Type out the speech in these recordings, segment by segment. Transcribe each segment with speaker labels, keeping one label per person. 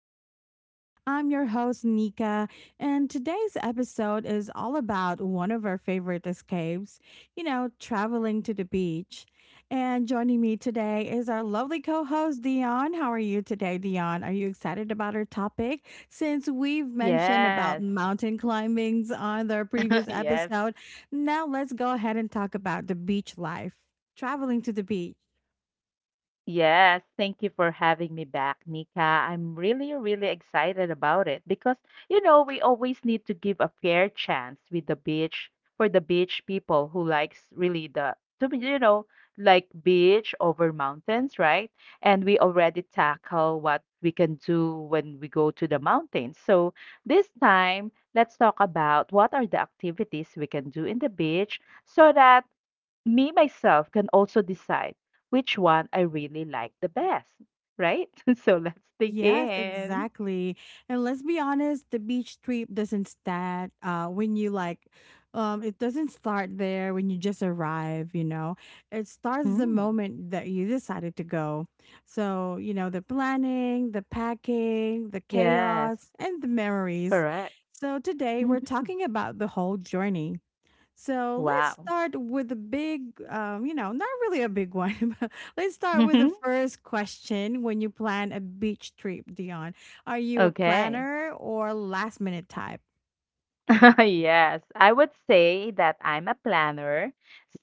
Speaker 1: podcast. I'm your host, Nika, and today's episode is all about one of our favorite escapes, traveling to the beach. And joining me today is our lovely co host, Dion. How are you today, Dion? Are you excited about our topic? Since we've mentioned
Speaker 2: Yes.
Speaker 1: about mountain climbings on our previous
Speaker 2: Yes.
Speaker 1: episode, now let's go ahead and talk about the beach life, traveling to the beach.
Speaker 2: Yes, thank you for having me back, Nika. I'm really, really excited about it because, you know, we always need to give a fair chance with the beach for the beach people who likes really the to be, you know, like beach over mountains, right? And we already tackle what we can do when we go to the mountains. So this time, let's talk about what are the activities we can do in the beach so that me myself can also decide which one I really like the best, right? So let's
Speaker 1: Yes,
Speaker 2: begin.
Speaker 1: exactly. And let's be honest, the beach trip doesn't start when you like it doesn't start there when you just arrive. It starts the
Speaker 2: Mm.
Speaker 1: moment that you decided to go. So, you know, the planning, the packing, the
Speaker 2: Yes,
Speaker 1: chaos, and the memories.
Speaker 2: correct.
Speaker 1: So today
Speaker 2: Mhm.
Speaker 1: we're talking about the whole journey. So let's
Speaker 2: Wow.
Speaker 1: start with a big, not really a big one, but let's start with the
Speaker 2: Mhm.
Speaker 1: first question. When you plan a beach trip, Dion, are you a
Speaker 2: Okay.
Speaker 1: planner or last minute type?
Speaker 2: Yes, I would say that I'm a planner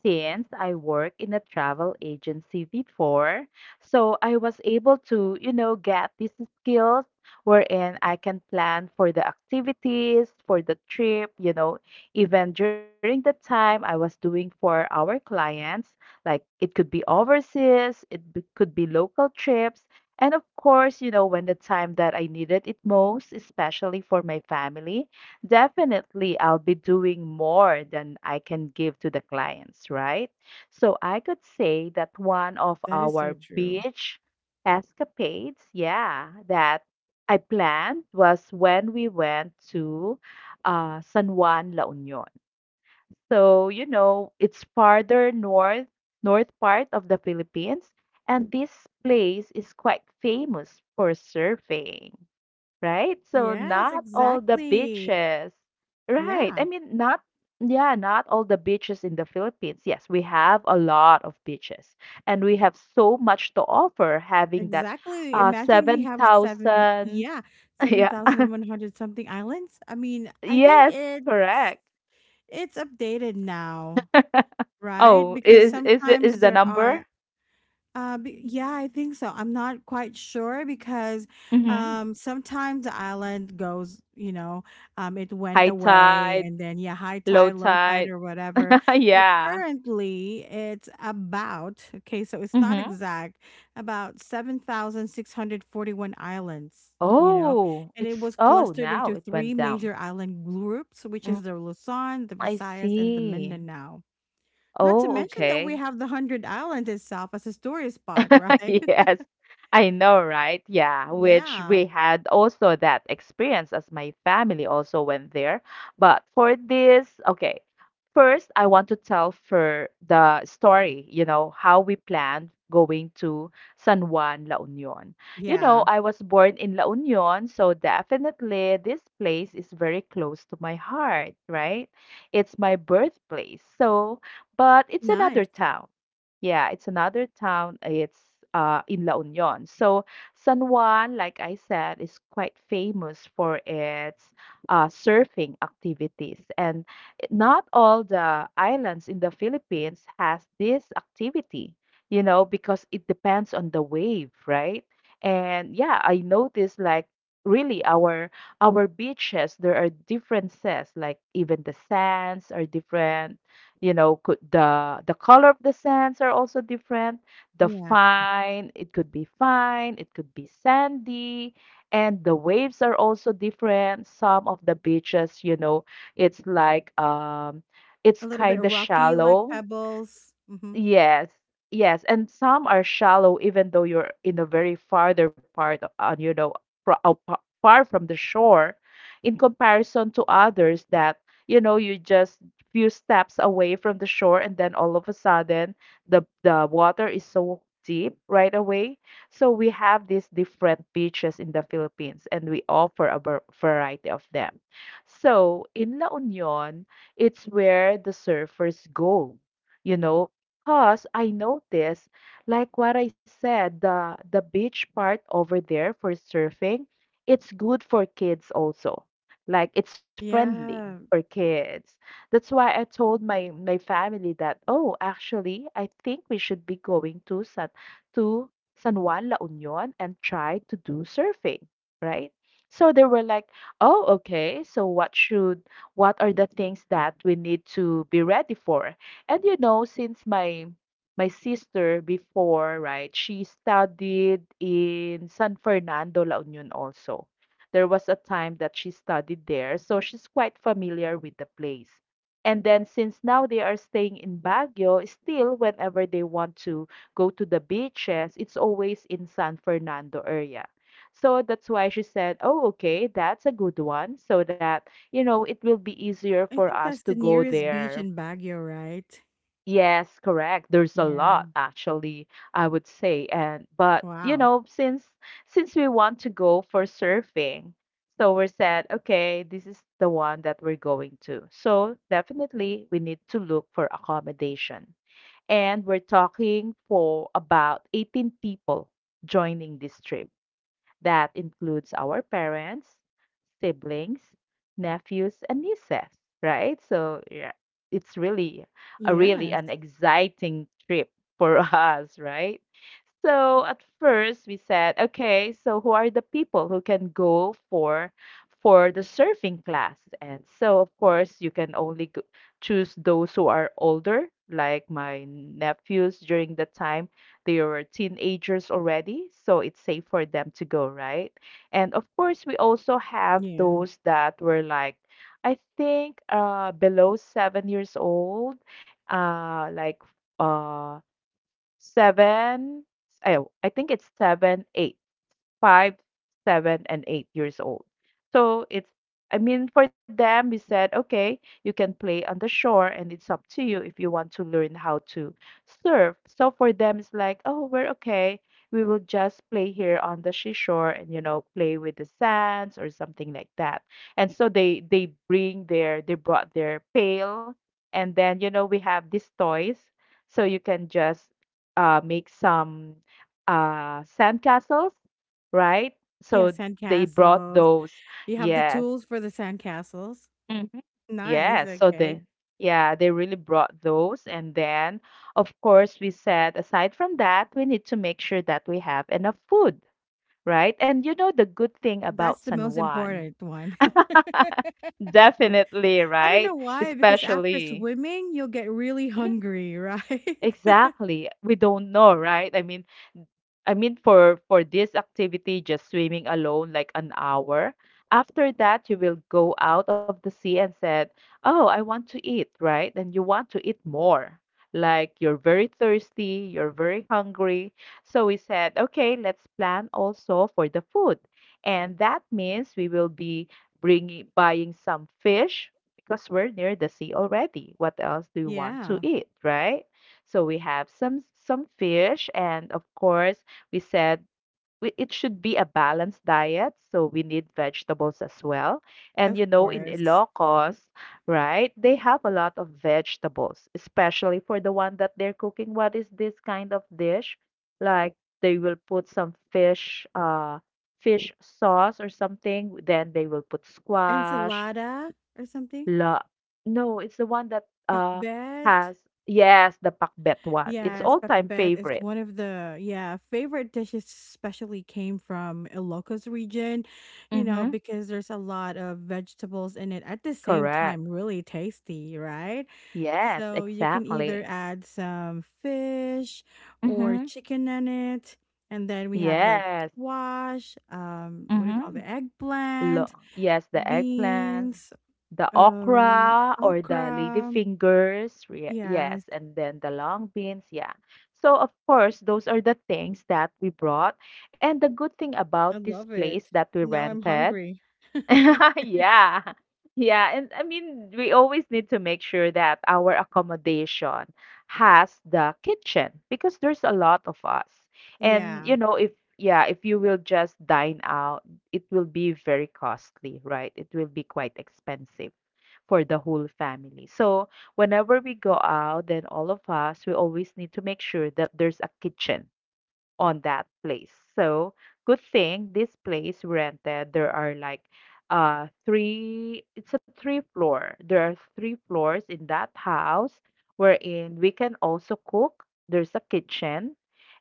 Speaker 2: since I work in a travel agency before. So I was able to, you know, get these skills wherein I can plan for the activities, for the trip, you know, even during the time I was doing for our clients, like it could be overseas, could be local trips. And of course, you know, when the time that I needed it most, especially for my family. Definitely, I'll be doing more than I can give to the clients, right? So I could say that one of
Speaker 1: That is
Speaker 2: our
Speaker 1: so true.
Speaker 2: beach escapades, yeah, that I planned was when we went to San Juan, La Union. So, you know, it's farther north part of the Philippines, and this place is quite famous for surfing, right? So
Speaker 1: Yes,
Speaker 2: not all the
Speaker 1: exactly.
Speaker 2: beaches, right? I
Speaker 1: Yeah,
Speaker 2: mean, not yeah, not all the beaches in the Philippines. Yes, we have a lot of beaches, and we have so much to offer. Having that,
Speaker 1: exactly. Imagine we
Speaker 2: seven
Speaker 1: have seven,
Speaker 2: thousand.
Speaker 1: yeah,
Speaker 2: Yeah.
Speaker 1: 7,100 something islands. I mean, I think
Speaker 2: Yes,
Speaker 1: it's
Speaker 2: correct.
Speaker 1: it's updated now, right?
Speaker 2: Oh,
Speaker 1: Because
Speaker 2: is it is
Speaker 1: sometimes
Speaker 2: the
Speaker 1: there are
Speaker 2: number?
Speaker 1: Yeah, I think so. I'm not quite sure because
Speaker 2: Mm-hmm.
Speaker 1: sometimes the island goes, you know, it went
Speaker 2: High
Speaker 1: away
Speaker 2: tide,
Speaker 1: and then, yeah, high
Speaker 2: low
Speaker 1: tide, low tide,
Speaker 2: tide.
Speaker 1: or whatever. But
Speaker 2: Yeah.
Speaker 1: currently, it's about, okay, so it's not
Speaker 2: Mm-hmm.
Speaker 1: exact, about 7,641 islands, you know,
Speaker 2: Oh,
Speaker 1: and it
Speaker 2: it's
Speaker 1: was
Speaker 2: oh,
Speaker 1: clustered
Speaker 2: now
Speaker 1: into
Speaker 2: it
Speaker 1: three
Speaker 2: went down.
Speaker 1: major island groups, which
Speaker 2: Mm,
Speaker 1: is the Luzon, the
Speaker 2: I
Speaker 1: Visayas, and the
Speaker 2: see.
Speaker 1: Mindanao. Not to
Speaker 2: Oh,
Speaker 1: mention that we
Speaker 2: okay.
Speaker 1: have the Hundred Island itself as a tourist spot, right?
Speaker 2: Yes, I know, right? Yeah, which
Speaker 1: Yeah.
Speaker 2: we had also that experience as my family also went there. But for this, okay, first I want to tell for the story, you know, how we planned going to San Juan, La Union. You know,
Speaker 1: Yeah.
Speaker 2: I was born in La Union, so definitely this place is very close to my heart, right? It's my birthplace. So, but it's another
Speaker 1: Nice.
Speaker 2: town. Yeah, it's another town. It's in La Union. So San Juan, like I said, is quite famous for its surfing activities. And not all the islands in the Philippines has this activity, you know, because it depends on the wave, right? And yeah, I noticed like really our beaches, there are differences, like even the sands are different. You know, could the color of the sands are also different. The
Speaker 1: Yeah.
Speaker 2: fine It could be fine, it could be sandy. And the waves are also different. Some of the beaches, you know, it's like, it's
Speaker 1: A little bit
Speaker 2: kind of
Speaker 1: rocky, like
Speaker 2: shallow.
Speaker 1: pebbles. Hmm.
Speaker 2: Yes, yes, and some are shallow, even though you're in a very farther part, on, you know, far from the shore, in comparison to others that, you know, you just few steps away from the shore, and then all of a sudden the water is so deep right away. So we have these different beaches in the Philippines, and we offer a variety of them. So in La Union, it's where the surfers go, you know. Cause I noticed, like what I said, the beach part over there for surfing, it's good for kids also. Like it's friendly for
Speaker 1: Yeah.
Speaker 2: kids. That's why I told my family that, oh, actually, I think we should be going to to San Juan La Union and try to do surfing, right? So they were like, oh, okay, so what are the things that we need to be ready for? And you know, since my sister before, right, she studied in San Fernando, La Union also. There was a time that she studied there, so she's quite familiar with the place. And then since now they are staying in Baguio, still whenever they want to go to the beaches, it's always in San Fernando area. So that's why she said, "Oh, okay, that's a good one so that, you know, it will be easier
Speaker 1: I
Speaker 2: for
Speaker 1: think
Speaker 2: us
Speaker 1: that's
Speaker 2: to
Speaker 1: the
Speaker 2: go
Speaker 1: nearest beach
Speaker 2: there."
Speaker 1: in Baguio, right?
Speaker 2: Yes, correct. There's a lot
Speaker 1: Yeah.
Speaker 2: actually, I would say. And but you
Speaker 1: Wow.
Speaker 2: know, since we want to go for surfing, so we said, okay, this is the one that we're going to. So definitely we need to look for accommodation. And we're talking for about 18 people joining this trip. That includes our parents, siblings, nephews, and nieces, right? So yeah, it's really a really an
Speaker 1: Yes.
Speaker 2: exciting trip for us, right? So at first we said, okay, so who are the people who can go for the surfing class? And so of course you can only choose those who are older, like my nephews during that time they were teenagers already, so it's safe for them to go, right? And of course, we also have
Speaker 1: Yeah.
Speaker 2: those that were like, I think, below 7 years old, uh, like uh, seven. Oh, I think it's seven, eight, five, 7, and 8 years old. So it's, I mean, for them, we said, okay, you can play on the shore and it's up to you if you want to learn how to surf. So for them, it's like, oh, we're okay. We will just play here on the seashore and, you know, play with the sands or something like that. And so they brought their pail. And then, you know, we have these toys. So you can just make some sand castles, right?
Speaker 1: Yeah.
Speaker 2: So they brought
Speaker 1: Sandcastles.
Speaker 2: those.
Speaker 1: You have the
Speaker 2: Yes.
Speaker 1: tools for the sandcastles.
Speaker 2: Mhm.
Speaker 1: Nice.
Speaker 2: Yes. So
Speaker 1: Okay.
Speaker 2: they really brought those. And then, of course, we said, aside from that, we need to make sure that we have enough food, right? And you know the good thing about
Speaker 1: That's the
Speaker 2: San
Speaker 1: most
Speaker 2: Juan,
Speaker 1: important one.
Speaker 2: definitely,
Speaker 1: I don't know
Speaker 2: right?
Speaker 1: why, because after
Speaker 2: Especially.
Speaker 1: swimming, you'll get really
Speaker 2: Mm.
Speaker 1: hungry, right?
Speaker 2: Exactly. We don't know, right? I mean, for this activity, just swimming alone, like an hour. After that, you will go out of the sea and said, "Oh, I want to eat," right? And you want to eat more. Like you're very thirsty, you're very hungry. So we said, "Okay, let's plan also for the food," and that means we will be bringing buying some fish because we're near the sea already. What else do you want to
Speaker 1: Yeah,
Speaker 2: eat, right? So we have some fish, and of course we said, it should be a balanced diet, so we need vegetables as well. And you
Speaker 1: of
Speaker 2: know, in
Speaker 1: course.
Speaker 2: Ilocos, right, they have a lot of vegetables, especially for the one that they're cooking. What is this kind of dish, like they will put some fish sauce or something, then they will put squash.
Speaker 1: Ensalada or something?
Speaker 2: La No, it's the one that
Speaker 1: Pakbet.
Speaker 2: has, yes, the pakbet one. It's
Speaker 1: Yes,
Speaker 2: all time
Speaker 1: pakbet is
Speaker 2: favorite.
Speaker 1: one of the favorite dishes, especially came from Ilocos region, you know,
Speaker 2: Mm-hmm.
Speaker 1: because there's a lot of vegetables in it at the same
Speaker 2: Correct.
Speaker 1: time, really tasty, right?
Speaker 2: Yes,
Speaker 1: So you can either
Speaker 2: exactly.
Speaker 1: add some fish or
Speaker 2: Mhm.
Speaker 1: chicken in it, and then we have like
Speaker 2: Yes.
Speaker 1: squash, what do you call
Speaker 2: Mhm.
Speaker 1: the
Speaker 2: Lo
Speaker 1: eggplant,
Speaker 2: Yes, the eggplant,
Speaker 1: beans.
Speaker 2: the okra or the lady
Speaker 1: Okra.
Speaker 2: fingers. Re Yes,
Speaker 1: Yes.
Speaker 2: and then the long beans, yeah. So of course, those are the things that we brought. And the good thing about
Speaker 1: I
Speaker 2: this
Speaker 1: love
Speaker 2: place
Speaker 1: it.
Speaker 2: that we
Speaker 1: Now I'm
Speaker 2: rented,
Speaker 1: hungry.
Speaker 2: yeah. Yeah. And I mean, we always need to make sure that our accommodation has the kitchen because there's a lot of us. And,
Speaker 1: Yeah.
Speaker 2: you know, if, yeah, if you will just dine out, it will be very costly, right? It will be quite expensive for the whole family. So whenever we go out, then all of us, we always need to make sure that there's a kitchen on that place. So good thing this place rented. There are like, three it's a three floor. There are three floors in that house wherein we can also cook. There's a kitchen.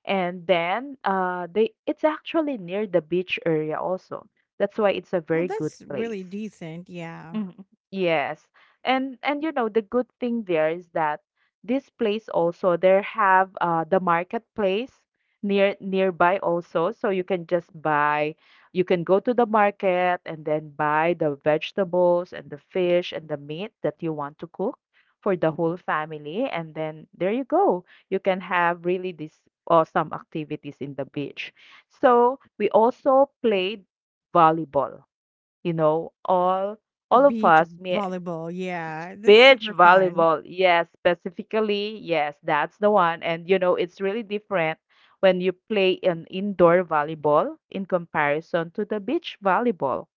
Speaker 2: And then they it's actually near the beach area also. That's why it's a
Speaker 1: Oh,
Speaker 2: very good
Speaker 1: that's
Speaker 2: place.
Speaker 1: really decent. Yeah.
Speaker 2: Mhm. Yes. And you know the good thing there is that this place also there have the marketplace nearby also, so you can just buy, you can go to the market and then buy the vegetables and the fish and the meat that you want to cook for the whole family, and then there you go, you can have really these awesome activities in the beach. So we also played volleyball, you know, all
Speaker 1: The
Speaker 2: all of
Speaker 1: beach
Speaker 2: us,
Speaker 1: volleyball. Yeah. That's
Speaker 2: beach
Speaker 1: super fun.
Speaker 2: volleyball. Yes, specifically, yes, that's the one. And you know, it's really different when you play an indoor volleyball in comparison to the beach volleyball,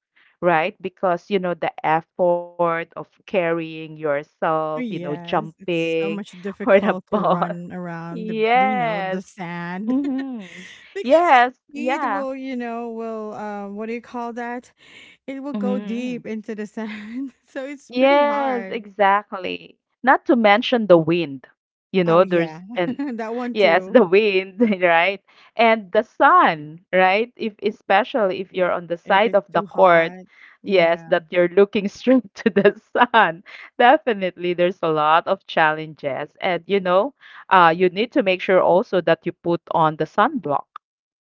Speaker 2: right? Because you know the effort of carrying yourself, you know,
Speaker 1: Yes. It's so
Speaker 2: jumping
Speaker 1: much
Speaker 2: for the
Speaker 1: difficult to
Speaker 2: ball.
Speaker 1: run around the, you know,
Speaker 2: Yes.
Speaker 1: the sand
Speaker 2: Hmm.
Speaker 1: because
Speaker 2: Yes.
Speaker 1: your feet
Speaker 2: Yeah.
Speaker 1: will, what do you call that? It will go
Speaker 2: Hmm.
Speaker 1: deep into the sand. So it's pretty
Speaker 2: Yes,
Speaker 1: hard.
Speaker 2: exactly. Not to mention the wind. You
Speaker 1: Oh,
Speaker 2: know,
Speaker 1: yeah.
Speaker 2: there's and
Speaker 1: That one
Speaker 2: yes,
Speaker 1: too.
Speaker 2: the wind, right? And the sun, right? If Especially if you're on the
Speaker 1: If
Speaker 2: side
Speaker 1: it's
Speaker 2: of the
Speaker 1: too
Speaker 2: court,
Speaker 1: hot.
Speaker 2: yes,
Speaker 1: Yeah.
Speaker 2: that you're looking straight to the sun. Definitely there's a lot of challenges. And you need to make sure also that you put on the sunblock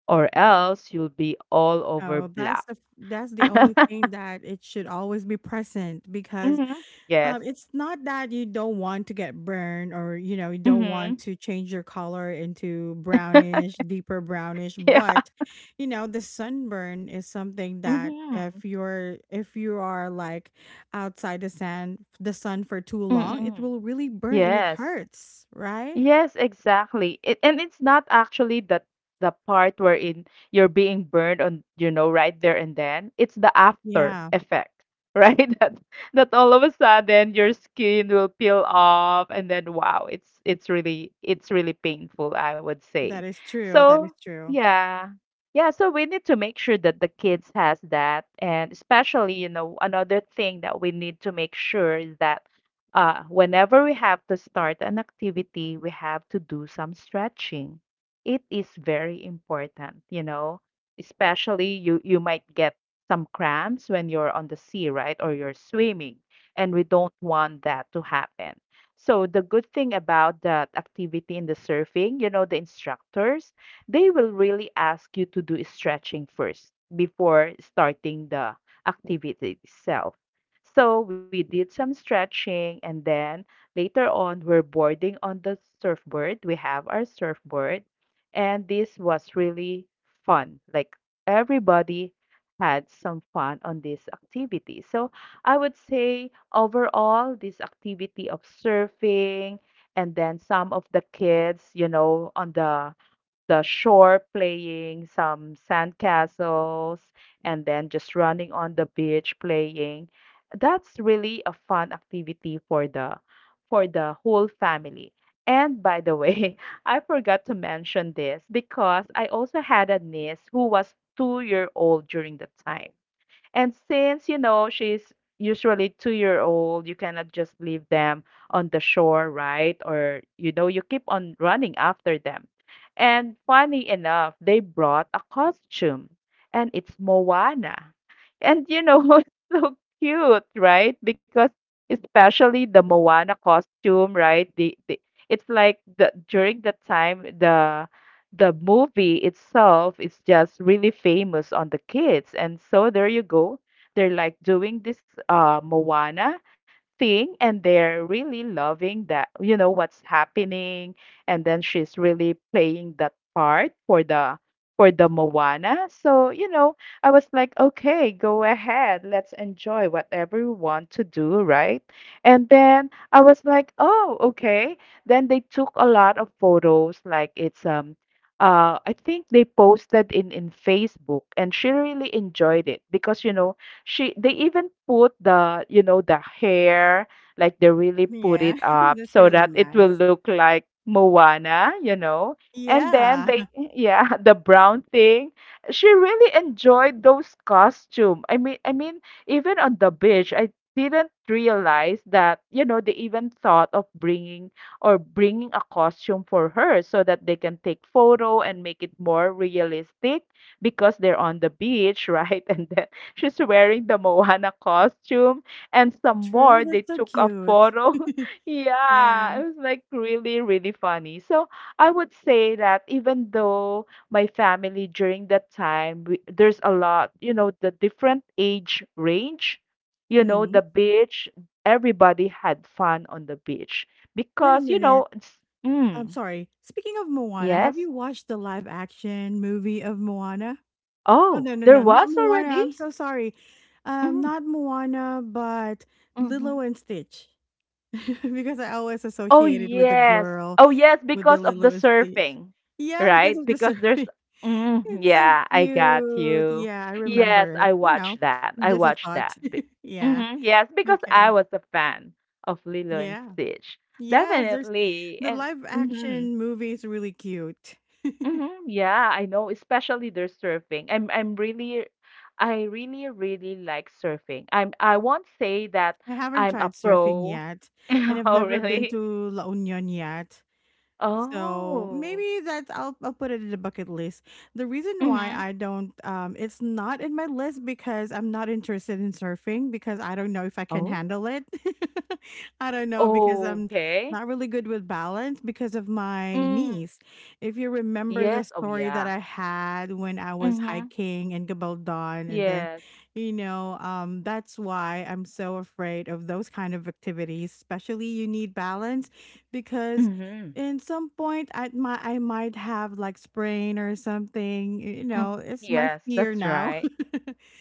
Speaker 2: or else you'll be all over
Speaker 1: Oh, that's
Speaker 2: black.
Speaker 1: the f that's the only thing that it should always be present because,
Speaker 2: hmm Yes.
Speaker 1: it's not that you don't want to get burned or, you know, you don't
Speaker 2: Mm-hmm.
Speaker 1: want to change your color into brownish, deeper brownish, but, you know, the sunburn is something that
Speaker 2: Mhm.
Speaker 1: if you're if you are like outside the sand the sun for too long, it
Speaker 2: Mm.
Speaker 1: will really burn and it
Speaker 2: Yes.
Speaker 1: hurts, right?
Speaker 2: Yes, exactly. And it's not actually the part wherein you're being burned on, you know, right there and then. It's the after
Speaker 1: Yeah.
Speaker 2: effect, right? That all of a sudden your skin will peel off, and then wow, it's really painful, I would
Speaker 1: That
Speaker 2: say.
Speaker 1: is true. That is
Speaker 2: So,
Speaker 1: true.
Speaker 2: yeah. Yeah, so we need to make sure that the kids has that, and especially, you know, another thing that we need to make sure is that whenever we have to start an activity, we have to do some stretching. It is very important, you know, especially you might get some cramps when you're on the sea, right? Or you're swimming, and we don't want that to happen. So the good thing about that activity in the surfing, you know, the instructors, they will really ask you to do stretching first before starting the activity itself. So we did some stretching, and then later on we're boarding on the surfboard. We have our surfboard, and this was really fun. Like everybody had some fun on this activity. So I would say overall this activity of surfing, and then some of the kids, you know, on the shore playing some sandcastles, and then just running on the beach playing. That's really a fun activity for the whole family. And by the way, I forgot to mention this because I also had a niece who was 2-year-old old during the time. And since you know she's usually 2-year-old old, you cannot just leave them on the shore, right? Or you know you keep on running after them. And funny enough, they brought a costume, and it's Moana, and it's so cute, right? Because especially the Moana costume, right? The it's like the during the time the movie itself is just really famous on the kids. And so there you go. They're like doing this Moana thing, and they're really loving that, you know, what's happening. And then she's really playing that part for the Moana. So, you know, I was like, okay, go ahead. Let's enjoy whatever you want to do, right? And then I was like, oh, okay. Then they took a lot of photos, like it's I think they posted in Facebook, and she really enjoyed it because you know she they even put the you know the hair, like they really put
Speaker 1: Yeah,
Speaker 2: it up
Speaker 1: that's
Speaker 2: so
Speaker 1: really
Speaker 2: that it will
Speaker 1: nice.
Speaker 2: look like Moana. And then
Speaker 1: Yeah,
Speaker 2: they yeah the brown thing. She really enjoyed those costume. I mean even on the beach I didn't realize that you know they even thought of bringing a costume for her so that they can take photo and make it more realistic because they're on the beach, right? And then she's wearing the Moana costume, and some
Speaker 1: true,
Speaker 2: more they
Speaker 1: that's so
Speaker 2: took a
Speaker 1: cute.
Speaker 2: photo. Yeah,
Speaker 1: Yeah.
Speaker 2: it was like really really funny. So, I would say that even though my family during that time there's a lot, you know, the different age range, you know,
Speaker 1: Mhm.
Speaker 2: the beach everybody had fun on the beach
Speaker 1: Wait a
Speaker 2: because you
Speaker 1: minute.
Speaker 2: know it's,
Speaker 1: I'm
Speaker 2: mm,
Speaker 1: sorry. Speaking of Moana, have
Speaker 2: yes.
Speaker 1: you watched the live action movie of Moana? Oh,
Speaker 2: Oh,
Speaker 1: no, no,
Speaker 2: there
Speaker 1: no, not
Speaker 2: was
Speaker 1: Moana.
Speaker 2: already.
Speaker 1: I'm so sorry.
Speaker 2: Mm,
Speaker 1: Not Moana, but Lilo
Speaker 2: hmm.
Speaker 1: and Stitch. Because I always
Speaker 2: Oh
Speaker 1: associated with the
Speaker 2: yes.
Speaker 1: girl
Speaker 2: Oh yes,
Speaker 1: with the
Speaker 2: because of the
Speaker 1: Lilo and Stitch.
Speaker 2: surfing.
Speaker 1: Yeah, because
Speaker 2: Right,
Speaker 1: of the
Speaker 2: because there's,
Speaker 1: surfing.
Speaker 2: mm,
Speaker 1: It's so
Speaker 2: yeah, I got
Speaker 1: cute.
Speaker 2: you.
Speaker 1: Yeah, I
Speaker 2: Yes,
Speaker 1: remember it,
Speaker 2: I
Speaker 1: you know,
Speaker 2: watched that i
Speaker 1: just a
Speaker 2: watched that
Speaker 1: thought.
Speaker 2: Be-
Speaker 1: Yeah,
Speaker 2: Mhm, yes, because
Speaker 1: okay.
Speaker 2: I was a fan of Lilo and
Speaker 1: Yeah.
Speaker 2: Stitch.
Speaker 1: Yes, there's
Speaker 2: Definitely.
Speaker 1: the
Speaker 2: And
Speaker 1: live
Speaker 2: mhm.
Speaker 1: action movie is really cute.
Speaker 2: Mhm, yeah, I know, especially their surfing. I'm really I really really like surfing. I won't say that
Speaker 1: I haven't
Speaker 2: I'm a
Speaker 1: tried surfing
Speaker 2: pro.
Speaker 1: yet, and I've
Speaker 2: Oh,
Speaker 1: never been
Speaker 2: really?
Speaker 1: to La Union yet. So
Speaker 2: Oh.
Speaker 1: maybe that's I'll put it in the bucket list. The reason why
Speaker 2: Mhm.
Speaker 1: I don't, it's not in my list because I'm not interested in surfing because I don't know if I can
Speaker 2: Oh.
Speaker 1: handle it. I don't know because I'm
Speaker 2: Okay.
Speaker 1: not really good with balance because of my
Speaker 2: Mm.
Speaker 1: knees. If you remember
Speaker 2: Yeah.
Speaker 1: the
Speaker 2: Oh,
Speaker 1: story that
Speaker 2: yeah.
Speaker 1: I had when I was
Speaker 2: Mhm.
Speaker 1: hiking in Gabaldon and
Speaker 2: Yeah.
Speaker 1: then you know that's why I'm so afraid of those kind of activities, especially you need balance because
Speaker 2: Mhm.
Speaker 1: in some point I might have like sprain or something. You know,
Speaker 2: Mm.
Speaker 1: it's my
Speaker 2: Yes,
Speaker 1: fear
Speaker 2: that's
Speaker 1: now.
Speaker 2: right.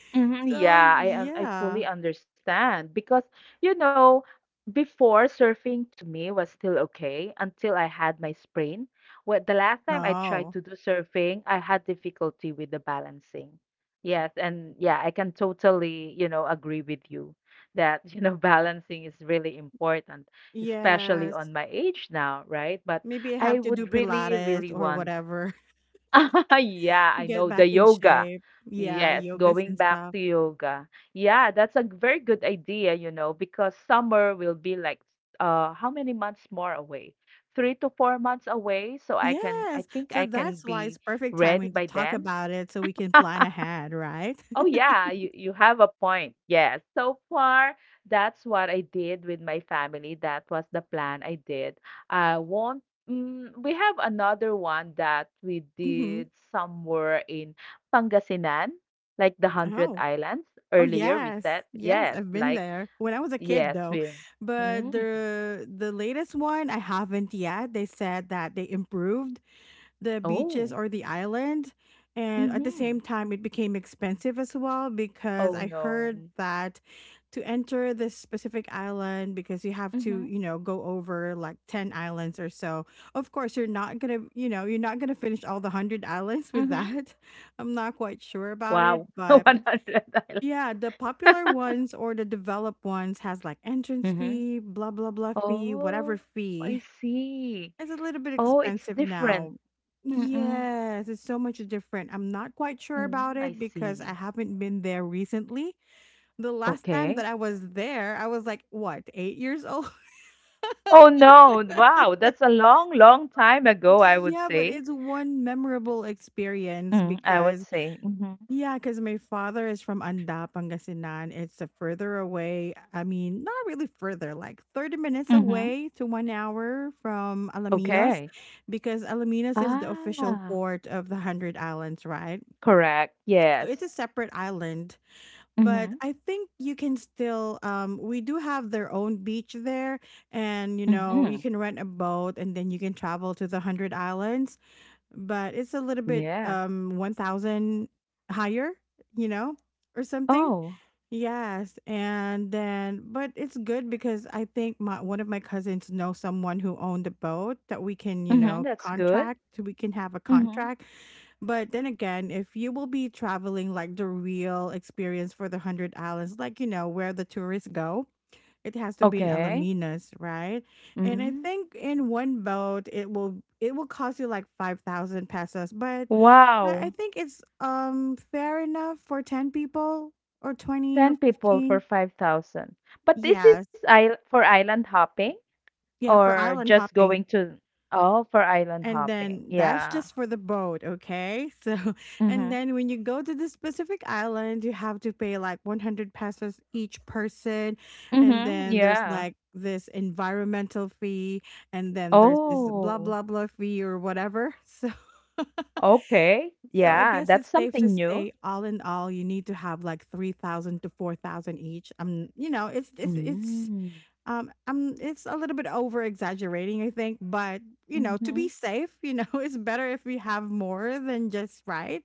Speaker 2: Mhm,
Speaker 1: So
Speaker 2: yeah, I
Speaker 1: yeah.
Speaker 2: fully understand because you know before surfing to me was still okay until I had my sprain. What the last time I
Speaker 1: Oh.
Speaker 2: tried to do surfing, I had difficulty with the balancing. Yes, and yeah, I can totally you know agree with you that you know balancing is really important, especially
Speaker 1: Yes.
Speaker 2: on my age now, right? But
Speaker 1: Maybe I have
Speaker 2: I
Speaker 1: to do
Speaker 2: would really
Speaker 1: Pilates or
Speaker 2: want,
Speaker 1: whatever
Speaker 2: yeah,
Speaker 1: to
Speaker 2: I
Speaker 1: get
Speaker 2: know
Speaker 1: back
Speaker 2: the
Speaker 1: in
Speaker 2: yoga.
Speaker 1: shape. Yeah,
Speaker 2: Yes,
Speaker 1: yogas
Speaker 2: going
Speaker 1: and
Speaker 2: back
Speaker 1: stuff.
Speaker 2: to yoga. Yeah, that's a very good idea, you know, because summer will be like how many months more away? 3 to 4 months away, so I can I
Speaker 1: Yes.
Speaker 2: think
Speaker 1: So
Speaker 2: I can
Speaker 1: that's why it's
Speaker 2: be
Speaker 1: perfect
Speaker 2: ready
Speaker 1: timing to
Speaker 2: by then.
Speaker 1: talk about it so we can plan ahead, right?
Speaker 2: Oh yeah, you have a point. Yes. So far, that's what I did with my family. That was the plan I did. I won't mm, We have another one that we
Speaker 1: Hmm.
Speaker 2: did somewhere in Pangasinan, like the Hundred
Speaker 1: Oh.
Speaker 2: Islands.
Speaker 1: Oh
Speaker 2: Earlier we
Speaker 1: yes,
Speaker 2: said,
Speaker 1: yes,
Speaker 2: yes,
Speaker 1: I've been
Speaker 2: like
Speaker 1: there when I was a kid
Speaker 2: yes,
Speaker 1: though.
Speaker 2: we
Speaker 1: But
Speaker 2: mm,
Speaker 1: the latest one I haven't yet. They said that they improved the beaches
Speaker 2: oh.
Speaker 1: or the island and at the
Speaker 2: Mm-hmm.
Speaker 1: same time it became expensive as well because
Speaker 2: Oh
Speaker 1: I heard
Speaker 2: no.
Speaker 1: that to enter this specific island because you have to,
Speaker 2: Mm-hmm.
Speaker 1: you know, go over like 10 islands or so. Of course, you're not going to, you know, you're not going to finish all the 100 islands with
Speaker 2: Mm-hmm.
Speaker 1: that. I'm not quite sure about it,
Speaker 2: Wow.
Speaker 1: but
Speaker 2: 100 Islands.
Speaker 1: yeah, the popular ones or the developed ones has like entrance
Speaker 2: Mm-hmm.
Speaker 1: fee, blah blah blah fee, whatever
Speaker 2: Oh, I
Speaker 1: fee.
Speaker 2: see.
Speaker 1: It's a little bit
Speaker 2: Oh, it's
Speaker 1: expensive
Speaker 2: different.
Speaker 1: now.
Speaker 2: Mm.
Speaker 1: Yes, it's so much different. I'm not quite sure
Speaker 2: Mm,
Speaker 1: about
Speaker 2: I
Speaker 1: it because I
Speaker 2: see.
Speaker 1: haven't been there recently. The last time that
Speaker 2: Okay.
Speaker 1: I was there, I was like, what, 8 years old?
Speaker 2: Oh no. Wow, that's a long, long time ago, I would
Speaker 1: Yeah, but
Speaker 2: say.
Speaker 1: it's one memorable experience
Speaker 2: Mm, I would
Speaker 1: because
Speaker 2: say. Mhm.
Speaker 1: yeah, because my father is from Anda, Pangasinan. It's a further away. I mean, not really further, like 30 minutes
Speaker 2: Mhm.
Speaker 1: away to 1 hour from Alaminos,
Speaker 2: Okay.
Speaker 1: because Alaminos is the official
Speaker 2: Ah.
Speaker 1: port of the Hundred Islands, right?
Speaker 2: Correct.
Speaker 1: So
Speaker 2: Yes.
Speaker 1: it's a separate island, but
Speaker 2: Mhm.
Speaker 1: I think you can still, we do have their own beach there, and you know, you
Speaker 2: Mhm.
Speaker 1: can rent a boat and then you can travel to the Hundred Islands, but it's a little bit
Speaker 2: Yeah.
Speaker 1: 1,000 higher, you know, or something.
Speaker 2: Oh,
Speaker 1: Yes, and then but it's good because I think my one of my cousins know someone who owned a boat that we can, you
Speaker 2: Mhm,
Speaker 1: know,
Speaker 2: that's good.
Speaker 1: contract so we can have a
Speaker 2: Mhm.
Speaker 1: contract. But then again, if you will be traveling like the real experience for the Hundred Islands, like, you know, where the tourists go, it has to be in
Speaker 2: Okay.
Speaker 1: Alaminos, right? And I
Speaker 2: Mm.
Speaker 1: think in one boat it will cost you like 5,000 pesos, but I
Speaker 2: Wow.
Speaker 1: think it's fair enough for ten people or 20 or
Speaker 2: 10 people for
Speaker 1: 15.
Speaker 2: 5,000. But this is
Speaker 1: Yes,
Speaker 2: isl for island hopping?
Speaker 1: yeah, for
Speaker 2: Or
Speaker 1: island
Speaker 2: just
Speaker 1: hopping.
Speaker 2: going to, oh, for island
Speaker 1: And
Speaker 2: hopping.
Speaker 1: then that's
Speaker 2: Yeah.
Speaker 1: just for the boat, okay? So, and
Speaker 2: Mhm.
Speaker 1: then when you go to this specific island, you have to pay like 100 pesos each person. And
Speaker 2: Mhm.
Speaker 1: then there's
Speaker 2: Yeah.
Speaker 1: like this environmental fee. And then there's this blah,
Speaker 2: Oh,
Speaker 1: blah, blah fee or whatever. So,
Speaker 2: okay.
Speaker 1: so I
Speaker 2: Yeah,
Speaker 1: guess
Speaker 2: that's
Speaker 1: it's safe to
Speaker 2: something new.
Speaker 1: say, all in all, you need to have like 3,000 to 4,000 each. You know, it's, it's, it's
Speaker 2: Mm.
Speaker 1: um, um, it's a little bit over exaggerating, I think, but you know, to
Speaker 2: Mm-hmm.
Speaker 1: be safe, you know, it's better if we have more than just right,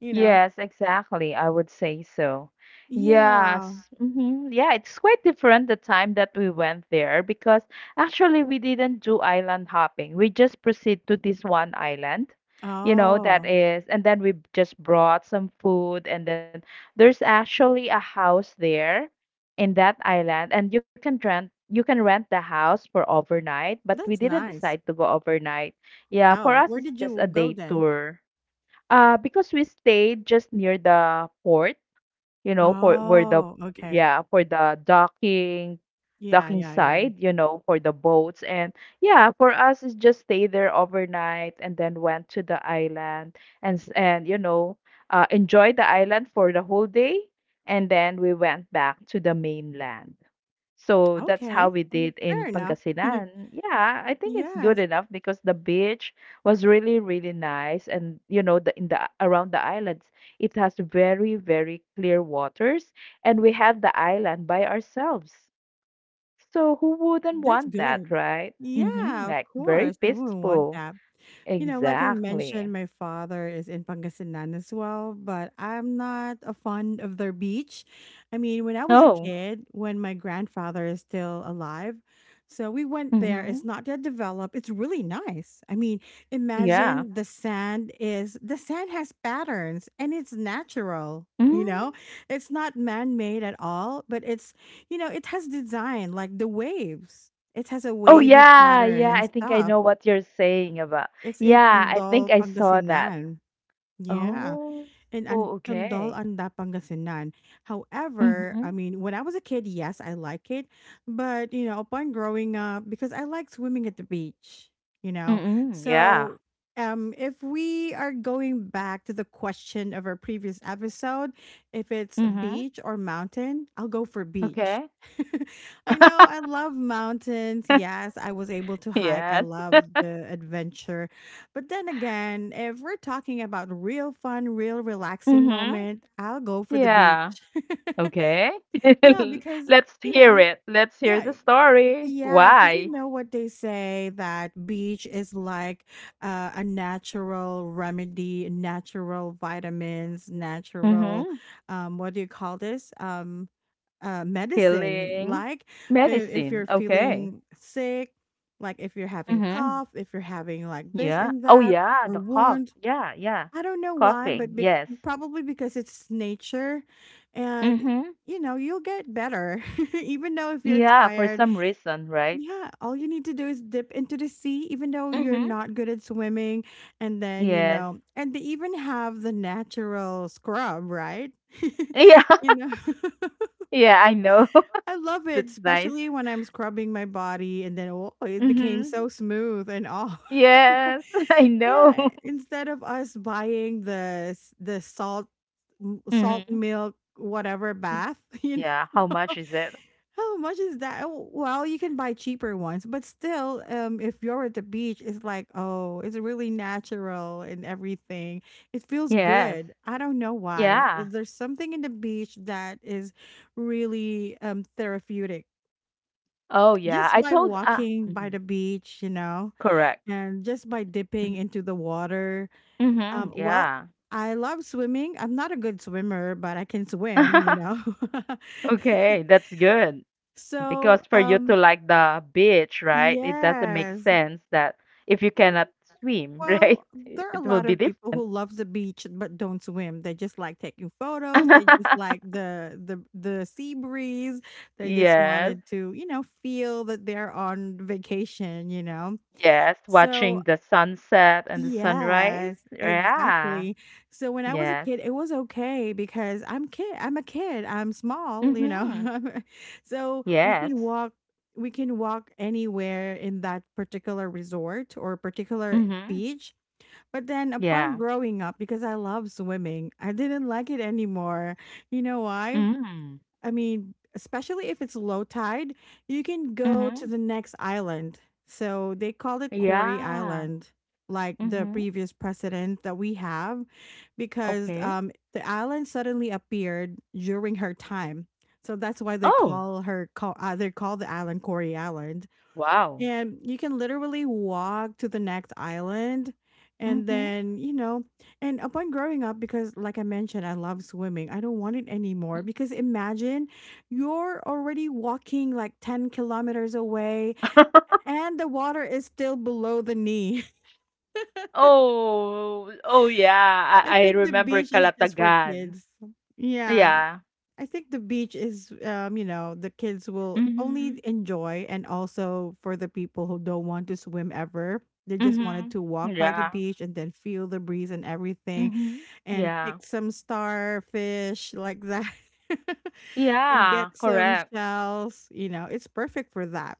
Speaker 1: you know.
Speaker 2: Yes, exactly. I would say so.
Speaker 1: Yeah.
Speaker 2: Yes. hmm Yeah, it's quite different the time that we went there because actually we didn't do island hopping. We just proceed to this one island, you know, that
Speaker 1: Oh,
Speaker 2: is, and then we just brought some food, and then there's actually a house there in that island, and you can rent the house for overnight, but we
Speaker 1: that's
Speaker 2: didn't decide
Speaker 1: nice.
Speaker 2: to go overnight. Yeah, for
Speaker 1: Oh,
Speaker 2: us
Speaker 1: where
Speaker 2: it's
Speaker 1: did
Speaker 2: just a
Speaker 1: you go
Speaker 2: day
Speaker 1: then?
Speaker 2: tour. Because we stayed just near the port, you know, for where the
Speaker 1: Oh, okay.
Speaker 2: yeah, for the docking
Speaker 1: Yeah, yeah, yeah.
Speaker 2: side, you know, for the boats. And yeah, for us is just stay there overnight and then went to the island, and you know, enjoy the island for the whole day, and then we went back to the mainland. So that's how
Speaker 1: Okay.
Speaker 2: we did in
Speaker 1: Fair enough.
Speaker 2: Pangasinan. Yeah, I think it's good
Speaker 1: Yes,
Speaker 2: enough because the beach was really, really nice, and you know, the in the around the islands, it has very, very clear waters, and we had the island by ourselves. So who wouldn't
Speaker 1: that's
Speaker 2: want that,
Speaker 1: good.
Speaker 2: right? Mm-hmm.
Speaker 1: Yeah, of
Speaker 2: Like very
Speaker 1: course. We wouldn't want
Speaker 2: peaceful.
Speaker 1: that. You know, like I
Speaker 2: Exactly.
Speaker 1: mentioned, my father is in Pangasinan as well, but I'm not a fond of their beach. I mean, when I was a
Speaker 2: Oh.
Speaker 1: kid, when my grandfather is still alive, so we went there.
Speaker 2: Mm-hmm.
Speaker 1: It's not yet developed. It's really nice. I mean,
Speaker 2: Yeah.
Speaker 1: imagine the sand is the sand has patterns and it's natural.
Speaker 2: Mm.
Speaker 1: You know, it's not man made at all, but it's, you know, it has design like the waves. It has a
Speaker 2: Oh
Speaker 1: wavy
Speaker 2: yeah,
Speaker 1: pattern
Speaker 2: yeah.
Speaker 1: and
Speaker 2: I think I
Speaker 1: stuff.
Speaker 2: know what you're saying about.
Speaker 1: It's in
Speaker 2: Yeah, I think
Speaker 1: Tondol,
Speaker 2: I saw that.
Speaker 1: Pangasinan. Yeah,
Speaker 2: Oh,
Speaker 1: in
Speaker 2: oh,
Speaker 1: and Tondol,
Speaker 2: okay.
Speaker 1: Anda, Pangasinan. However, I
Speaker 2: Mhm.
Speaker 1: mean, when I was a kid, yes, I like it, but you know, upon growing up, because I like swimming at the beach, you know,
Speaker 2: Mm, yeah.
Speaker 1: so. If we are going back to the question of our previous episode, if it's
Speaker 2: Mhm.
Speaker 1: beach or mountain, I'll go for beach.
Speaker 2: Okay.
Speaker 1: I know I love mountains. Yes, I was able to hike. I
Speaker 2: Yes.
Speaker 1: love the adventure but then again, if we're talking about real fun, real relaxing
Speaker 2: Mhm.
Speaker 1: moment, I'll go for the beach.
Speaker 2: Yeah. Okay.
Speaker 1: Yeah, because,
Speaker 2: Let's
Speaker 1: you
Speaker 2: hear
Speaker 1: know,
Speaker 2: it. Let's hear
Speaker 1: yeah,
Speaker 2: the story.
Speaker 1: yeah, because you
Speaker 2: Why?
Speaker 1: know what they say that beach is like a natural remedy, natural vitamins, natural,
Speaker 2: Mhm.
Speaker 1: what do you call this? Medicine.
Speaker 2: Healing
Speaker 1: If
Speaker 2: medicine.
Speaker 1: you're
Speaker 2: Okay.
Speaker 1: feeling sick, like if you're having
Speaker 2: Mhm.
Speaker 1: cough, if you're having like this
Speaker 2: Yeah.
Speaker 1: and
Speaker 2: Oh,
Speaker 1: that
Speaker 2: yeah.
Speaker 1: or
Speaker 2: The cough.
Speaker 1: wound.
Speaker 2: Yeah. Yeah.
Speaker 1: I don't know why,
Speaker 2: Coughing.
Speaker 1: but
Speaker 2: Yes.
Speaker 1: probably because it's nature and
Speaker 2: Mhm.
Speaker 1: you know, you'll get better even though if you're
Speaker 2: Yeah. For
Speaker 1: tired.
Speaker 2: some reason, right?
Speaker 1: Yeah, all you need to do is dip into the sea even though you're
Speaker 2: Mhm.
Speaker 1: not good at swimming and then, you
Speaker 2: Yes.
Speaker 1: know, and they even have the natural scrub, right?
Speaker 2: Yeah.
Speaker 1: you know,
Speaker 2: Yeah. I know.
Speaker 1: I love it,
Speaker 2: It's nice.
Speaker 1: especially when I'm scrubbing my body and then oh, it became
Speaker 2: Mhm.
Speaker 1: so smooth and all.
Speaker 2: Yes, I know.
Speaker 1: Yeah, instead of us buying the the salt salt
Speaker 2: Mm-hmm.
Speaker 1: milk whatever bath, you know.
Speaker 2: Yeah, how much is it?
Speaker 1: How much is that? Oh, well, you can buy cheaper ones, but still if you're at the beach, it's like, oh, it's really natural and everything. It feels
Speaker 2: Yes.
Speaker 1: good. I don't know why.
Speaker 2: Yeah.
Speaker 1: There's something in the beach that is really therapeutic.
Speaker 2: Oh, yeah.
Speaker 1: Just
Speaker 2: I
Speaker 1: by
Speaker 2: told
Speaker 1: walking by
Speaker 2: Mhm,
Speaker 1: the beach, you know,
Speaker 2: correct.
Speaker 1: and just by dipping into the water
Speaker 2: Mm-hmm.
Speaker 1: um, well,
Speaker 2: Yeah.
Speaker 1: I love swimming. I'm not a good swimmer, but I can swim, you know.
Speaker 2: Okay, that's good. Because
Speaker 1: So,
Speaker 2: for you to like the beach, right? It doesn't make
Speaker 1: yes.
Speaker 2: sense that if you cannot swim, right?
Speaker 1: Well, there
Speaker 2: It
Speaker 1: are a
Speaker 2: it will
Speaker 1: lot
Speaker 2: be
Speaker 1: of people who
Speaker 2: different.
Speaker 1: love the beach but don't swim. They just like taking photos. They just like the sea breeze. They just
Speaker 2: Yes,
Speaker 1: wanted to, you know, feel that they're on vacation, you know.
Speaker 2: yes.
Speaker 1: So,
Speaker 2: Watching the sunset and the sunrise.
Speaker 1: yes,
Speaker 2: Yeah.
Speaker 1: exactly. So when I was a
Speaker 2: Yes.
Speaker 1: kid, it was okay because I'm a kid. I'm small, you
Speaker 2: Mm-hmm.
Speaker 1: know. So we can
Speaker 2: Yes.
Speaker 1: walk. We can walk anywhere in that particular resort or particular
Speaker 2: Mhm.
Speaker 1: beach. But then upon
Speaker 2: Yeah.
Speaker 1: growing up, because I love swimming, I didn't like it anymore. You know why?
Speaker 2: Mm.
Speaker 1: I mean, especially if it's low tide, you can go to
Speaker 2: Mhm.
Speaker 1: the next island. So they called it Corey
Speaker 2: Yeah.
Speaker 1: Island, like the
Speaker 2: Mhm.
Speaker 1: previous president that we have, because
Speaker 2: Okay.
Speaker 1: the island suddenly appeared during her time. So that's why
Speaker 2: Oh,
Speaker 1: they call the island Corey Island.
Speaker 2: wow.
Speaker 1: And you can literally walk to the next island and
Speaker 2: Mhm.
Speaker 1: then, you know, and upon growing up, because like I mentioned, I love swimming. I don't want it anymore
Speaker 2: Mhm.
Speaker 1: because imagine you're already walking like 10 kilometers away and the water is still below the knee.
Speaker 2: Oh, oh yeah,
Speaker 1: I
Speaker 2: I
Speaker 1: think the
Speaker 2: remember
Speaker 1: beach is just for
Speaker 2: Kalatagan.
Speaker 1: kids. Yeah.
Speaker 2: Yeah.
Speaker 1: I think the beach is, you know, the kids will
Speaker 2: Mhm.
Speaker 1: only enjoy, and also for the people who don't want to swim ever, they just wanted
Speaker 2: Mhm.
Speaker 1: to walk by the
Speaker 2: Yeah.
Speaker 1: beach and then feel the breeze and everything,
Speaker 2: Mhm.
Speaker 1: and
Speaker 2: Yeah.
Speaker 1: pick some starfish like that, and
Speaker 2: Yeah,
Speaker 1: get some
Speaker 2: correct.
Speaker 1: shells. You know, it's perfect for that.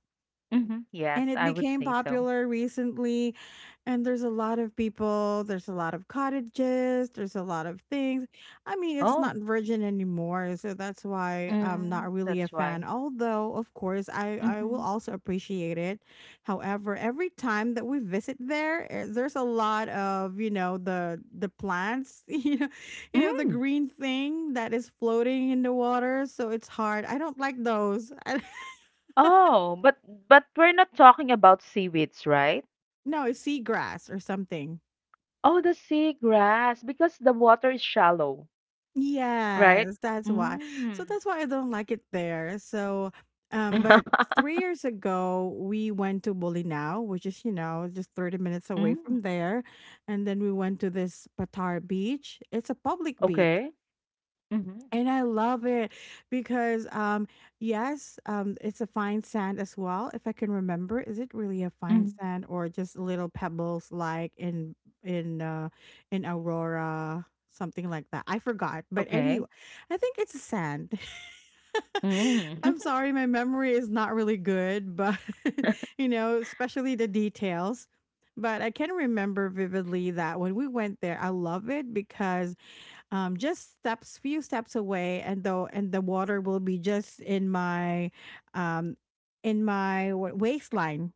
Speaker 2: Mhm. Yes,
Speaker 1: And it
Speaker 2: I would
Speaker 1: became
Speaker 2: say so.
Speaker 1: popular recently, and there's a lot of people, there's a lot of cottages, there's a lot of things. I mean, it's
Speaker 2: Oh.
Speaker 1: not virgin anymore, so that's why I'm
Speaker 2: Mm.
Speaker 1: not
Speaker 2: That's
Speaker 1: really a
Speaker 2: why.
Speaker 1: fan. Although, of course, I
Speaker 2: Mhm.
Speaker 1: will also appreciate it. However, every time that we visit there, eh, there's a lot of, you know, the plants, you know the
Speaker 2: Mm.
Speaker 1: green thing that is floating in the water, so it's hard. I don't like those. I,
Speaker 2: Oh, but we're not talking about seaweeds, right?
Speaker 1: no, it's seagrass or something.
Speaker 2: Oh, the sea grass, because the water is shallow, right?
Speaker 1: Yes, that's why. So
Speaker 2: Mm.
Speaker 1: that's why I don't like it there. So, but 3 years ago, we went to Bolinao, which is, you know, just 30 minutes away
Speaker 2: Mm.
Speaker 1: from there. And then we went to this Patar beach. It's a public beach.
Speaker 2: Okay. Mhm.
Speaker 1: And I love it because, yes, it's a fine sand as well. If I can remember, is it really a fine
Speaker 2: Mhm.
Speaker 1: sand or just little pebbles like in uh, in Aurora, something like that? I forgot. But
Speaker 2: Okay.
Speaker 1: anyway, I think it's sand.
Speaker 2: Mm.
Speaker 1: I'm sorry, my memory is not really good, but you know, especially the details. But I can remember vividly that when we went there, I love it because just steps few steps away and though and the water will be just um in my waistline,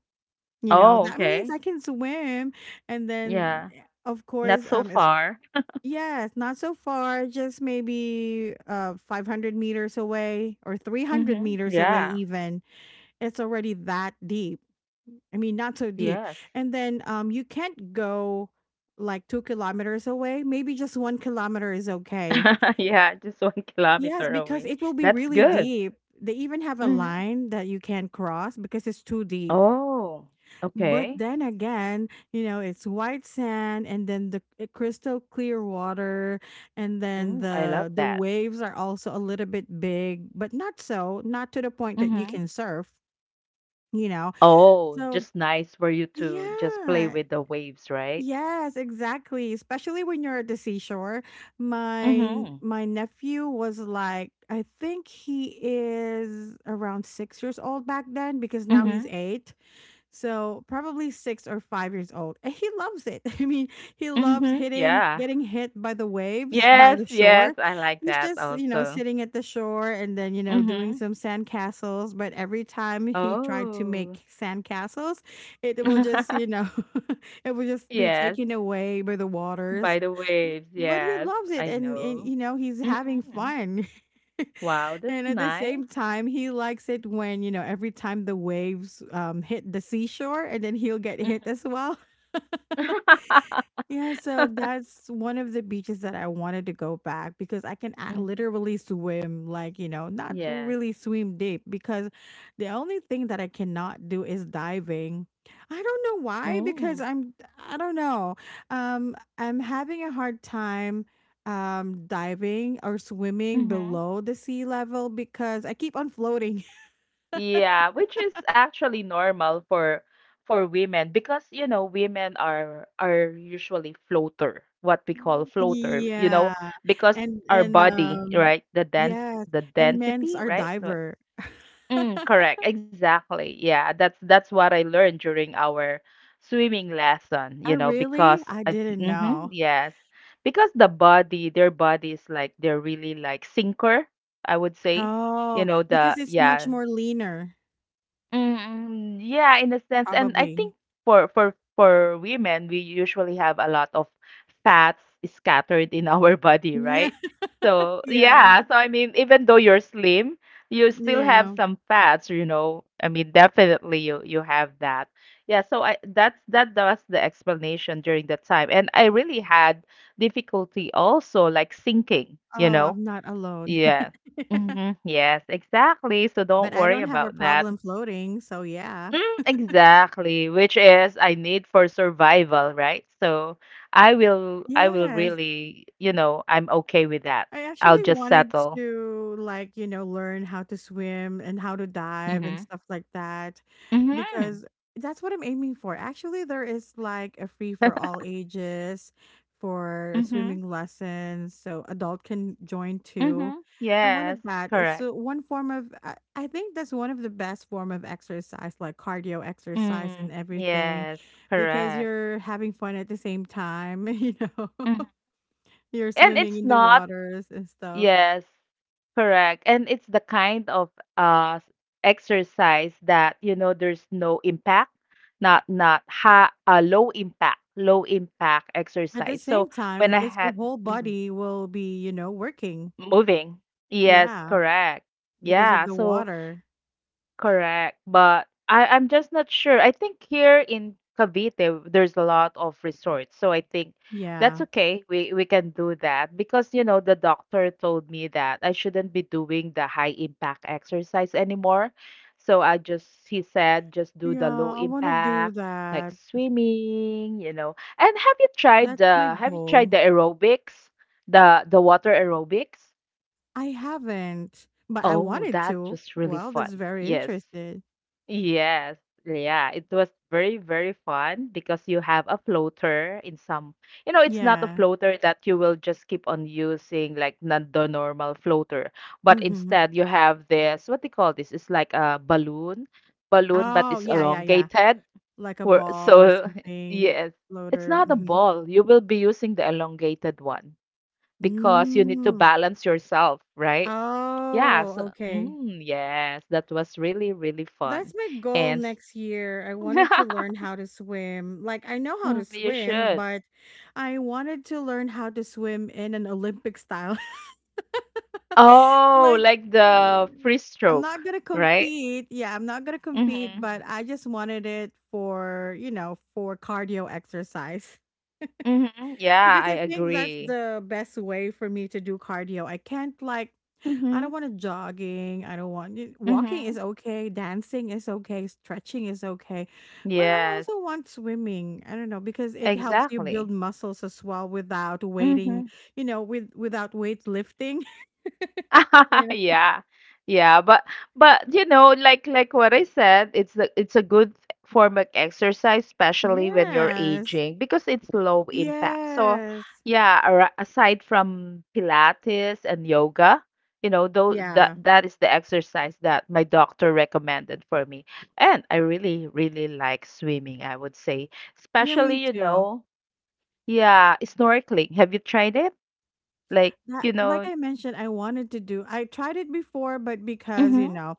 Speaker 1: you know,
Speaker 2: Oh,
Speaker 1: that means
Speaker 2: okay.
Speaker 1: I can swim. And then
Speaker 2: Yeah.
Speaker 1: yeah, of
Speaker 2: Not
Speaker 1: course
Speaker 2: so
Speaker 1: it's
Speaker 2: far.
Speaker 1: yes not so far, just maybe 500 meters away or 300
Speaker 2: Mhm.
Speaker 1: meters away
Speaker 2: Yeah.
Speaker 1: even, it's already that deep. I mean, not so
Speaker 2: Yes.
Speaker 1: deep. And then you can't go like 2 kilometers away. Maybe just one kilometer is okay.
Speaker 2: Yeah, just 1
Speaker 1: Yes,
Speaker 2: kilometer
Speaker 1: because
Speaker 2: away.
Speaker 1: it will be
Speaker 2: That's
Speaker 1: really
Speaker 2: good.
Speaker 1: deep. They even have a
Speaker 2: Mhm.
Speaker 1: line that you can't cross because it's too deep.
Speaker 2: Oh,
Speaker 1: But
Speaker 2: okay.
Speaker 1: then again, you know, it's white sand and then the crystal clear water and then
Speaker 2: Mm. I love
Speaker 1: the
Speaker 2: that.
Speaker 1: waves are also a little bit big, but not so, not to the point that you
Speaker 2: Mhm.
Speaker 1: can surf, you know.
Speaker 2: Oh,
Speaker 1: So,
Speaker 2: just nice for you to just play
Speaker 1: yeah.
Speaker 2: with the waves, right?
Speaker 1: Yes, exactly. Especially when you're at the seashore.
Speaker 2: Mhm.
Speaker 1: My nephew was like, I think he is around 6 years old back then because now he's
Speaker 2: Mhm.
Speaker 1: eight. So probably 6 or 5 years old. And he loves it. I mean, he
Speaker 2: Mhm,
Speaker 1: loves hitting,
Speaker 2: yeah.
Speaker 1: getting hit by the waves, by
Speaker 2: Yes,
Speaker 1: the
Speaker 2: yes,
Speaker 1: shore.
Speaker 2: I like
Speaker 1: He's
Speaker 2: that
Speaker 1: just, you know,
Speaker 2: also.
Speaker 1: sitting at the shore and then, you know,
Speaker 2: Mm.
Speaker 1: doing some sandcastles. But every time he tried to
Speaker 2: Oh.
Speaker 1: make sandcastles, it will just, you know, it will just be
Speaker 2: Yes,
Speaker 1: taken away by the
Speaker 2: by
Speaker 1: waters.
Speaker 2: the waves,
Speaker 1: But he
Speaker 2: yes,
Speaker 1: loves it
Speaker 2: I
Speaker 1: and
Speaker 2: know.
Speaker 1: you know, he's having
Speaker 2: Mhm.
Speaker 1: fun.
Speaker 2: Wow, that's
Speaker 1: And at the
Speaker 2: nice.
Speaker 1: same time, he likes it when, you know, every time the waves hit the seashore and then he'll get
Speaker 2: Mhm.
Speaker 1: hit as well. Yeah, so that's one of the beaches that I wanted to go back because I can
Speaker 2: Mhm.
Speaker 1: literally swim, like, you know, not
Speaker 2: Yes.
Speaker 1: really swim deep because the only thing that I cannot do is diving. I don't know why
Speaker 2: Mm,
Speaker 1: because I don't know. I'm having a hard time diving or swimming
Speaker 2: mhm.
Speaker 1: below the sea level because I keep on floating.
Speaker 2: Yeah, which is actually normal for women because you know women are usually floater, what we call floater, you know,
Speaker 1: Yeah.
Speaker 2: because
Speaker 1: And
Speaker 2: our
Speaker 1: and
Speaker 2: body,
Speaker 1: um
Speaker 2: right? The dense
Speaker 1: yes,
Speaker 2: the
Speaker 1: and men's
Speaker 2: density,
Speaker 1: are
Speaker 2: right? So-
Speaker 1: diver.
Speaker 2: Mm, correct, exactly. Yeah, that's what I learned during our swimming lesson,
Speaker 1: I
Speaker 2: you know,
Speaker 1: really?
Speaker 2: because
Speaker 1: I didn't
Speaker 2: mm-hmm,
Speaker 1: know.
Speaker 2: yes, because the body, their body is like they're really like sinker, I would say you
Speaker 1: Oh,
Speaker 2: know the
Speaker 1: because it's much
Speaker 2: yeah.
Speaker 1: more leaner,
Speaker 2: Mm, yeah, in a sense, and I
Speaker 1: probably.
Speaker 2: think for women, we usually have a lot of fats scattered in our body,
Speaker 1: Yeah,
Speaker 2: right? So
Speaker 1: yeah,
Speaker 2: yeah, so I mean, even though you're slim, you still have
Speaker 1: yeah.
Speaker 2: some fats, you know. I mean, definitely you have that. Yeah, so I that's that was the explanation during the time, and I really had difficulty also like sinking, you
Speaker 1: Oh,
Speaker 2: know.
Speaker 1: I'm not alone.
Speaker 2: Yeah. Mm-hmm. Yes, exactly. So don't
Speaker 1: But I
Speaker 2: worry
Speaker 1: don't have a
Speaker 2: about that.
Speaker 1: problem floating, so yeah.
Speaker 2: Mm, exactly, which is I need for survival, right? So I will
Speaker 1: Yes.
Speaker 2: really, I'm okay with that.
Speaker 1: I
Speaker 2: I'll
Speaker 1: actually
Speaker 2: just
Speaker 1: wanted
Speaker 2: settle.
Speaker 1: to, like, you know, learn how to swim and how to dive
Speaker 2: Mhm.
Speaker 1: and stuff like that
Speaker 2: Mhm.
Speaker 1: because that's what I'm aiming for. Actually, there is like a free for all ages for
Speaker 2: Mhm.
Speaker 1: swimming lessons, so adult can join too.
Speaker 2: Mhm.
Speaker 1: I wanted
Speaker 2: Yes,
Speaker 1: that. It's
Speaker 2: correct.
Speaker 1: one form of I think that's one of the best form of exercise, like cardio exercise and
Speaker 2: Mm,
Speaker 1: everything
Speaker 2: yes,
Speaker 1: because
Speaker 2: correct.
Speaker 1: you're having fun at the same time, you know.
Speaker 2: Mhm.
Speaker 1: You're
Speaker 2: And
Speaker 1: swimming
Speaker 2: it's
Speaker 1: in the
Speaker 2: not
Speaker 1: waters and stuff.
Speaker 2: yes. Correct. And it's the kind of uh exercise that there's no impact, not not ha low impact
Speaker 1: At the
Speaker 2: exercise.
Speaker 1: same
Speaker 2: So when
Speaker 1: time,
Speaker 2: I
Speaker 1: it's your
Speaker 2: had
Speaker 1: whole
Speaker 2: mm,
Speaker 1: body will be, you know, working.
Speaker 2: moving, yes,
Speaker 1: Yeah,
Speaker 2: correct.
Speaker 1: because of
Speaker 2: Yeah.
Speaker 1: the
Speaker 2: So
Speaker 1: water.
Speaker 2: correct, but I'm just not sure. I think here in Cavite there's a lot of resorts, so I think that's
Speaker 1: Yeah.
Speaker 2: okay. We can do that because you know the doctor told me that I shouldn't be doing the high impact exercise anymore. So I just he said just do
Speaker 1: Yeah,
Speaker 2: the low
Speaker 1: I want to do
Speaker 2: impact like
Speaker 1: that.
Speaker 2: swimming. And
Speaker 1: That's my
Speaker 2: have you tried
Speaker 1: goal.
Speaker 2: the aerobics, the water aerobics?
Speaker 1: I haven't, but I
Speaker 2: Oh,
Speaker 1: wanted
Speaker 2: that's
Speaker 1: to.
Speaker 2: just really
Speaker 1: Well,
Speaker 2: fun.
Speaker 1: that's very
Speaker 2: Yes.
Speaker 1: interested.
Speaker 2: Yes. Yeah, it was very, very fun because you have a floater in some, you know, it's not a
Speaker 1: Yeah.
Speaker 2: floater that you will just keep on using like not the normal floater, but
Speaker 1: Mm-hmm.
Speaker 2: instead you have this, what they call this? It's like a balloon, balloon, but
Speaker 1: Oh,
Speaker 2: it's
Speaker 1: yeah, yeah, yeah.
Speaker 2: elongated.
Speaker 1: Like a
Speaker 2: Where
Speaker 1: ball or
Speaker 2: so
Speaker 1: something,
Speaker 2: yes, it's
Speaker 1: floater.
Speaker 2: not a
Speaker 1: Mm-hmm.
Speaker 2: ball. You will be using the elongated one because you need to
Speaker 1: Mm.
Speaker 2: balance yourself, right? Yeah,
Speaker 1: Oh,
Speaker 2: so
Speaker 1: okay.
Speaker 2: mm, yes, that was really, really
Speaker 1: That's
Speaker 2: fun.
Speaker 1: my goal
Speaker 2: And
Speaker 1: next year. I wanted to learn how to swim. Like, I know how
Speaker 2: mm,
Speaker 1: to
Speaker 2: you
Speaker 1: swim,
Speaker 2: should.
Speaker 1: but I wanted to learn how to swim in an Olympic style.
Speaker 2: Oh,
Speaker 1: like,
Speaker 2: like
Speaker 1: y-
Speaker 2: the free
Speaker 1: I'm
Speaker 2: stroke,
Speaker 1: not going to
Speaker 2: right?
Speaker 1: compete. Yeah, I'm not going to compete,
Speaker 2: Mm-hmm.
Speaker 1: but I just wanted it for, you know, for cardio exercise.
Speaker 2: Mm-hmm. Yeah,
Speaker 1: Because
Speaker 2: I
Speaker 1: I think that's
Speaker 2: agree.
Speaker 1: the best way for me to do cardio. I can't, like, I don't
Speaker 2: Mm-hmm.
Speaker 1: want to jogging. I don't want y- Walking
Speaker 2: Mm-hmm.
Speaker 1: is okay, dancing is okay, stretching is okay. But I
Speaker 2: Yes,
Speaker 1: also want swimming. I don't know because it helps you
Speaker 2: exactly.
Speaker 1: build muscles as well without waiting,
Speaker 2: Mm-hmm.
Speaker 1: you know, with without weight lifting. Yeah.
Speaker 2: yeah yeah but what I said, it's it's a good form of exercise especially when you're
Speaker 1: Yes.
Speaker 2: aging because it's low impact. So
Speaker 1: Yes.
Speaker 2: yeah, ar- aside from pilates and yoga, you know, though that
Speaker 1: Yeah.
Speaker 2: that is the exercise that my doctor recommended for me, and I really really like swimming, I would say,
Speaker 1: Yeah,
Speaker 2: especially
Speaker 1: me
Speaker 2: you
Speaker 1: too.
Speaker 2: know yeah snorkeling, have you tried it like
Speaker 1: That, like I mentioned, I wanted to do. I tried it before, but because, you know,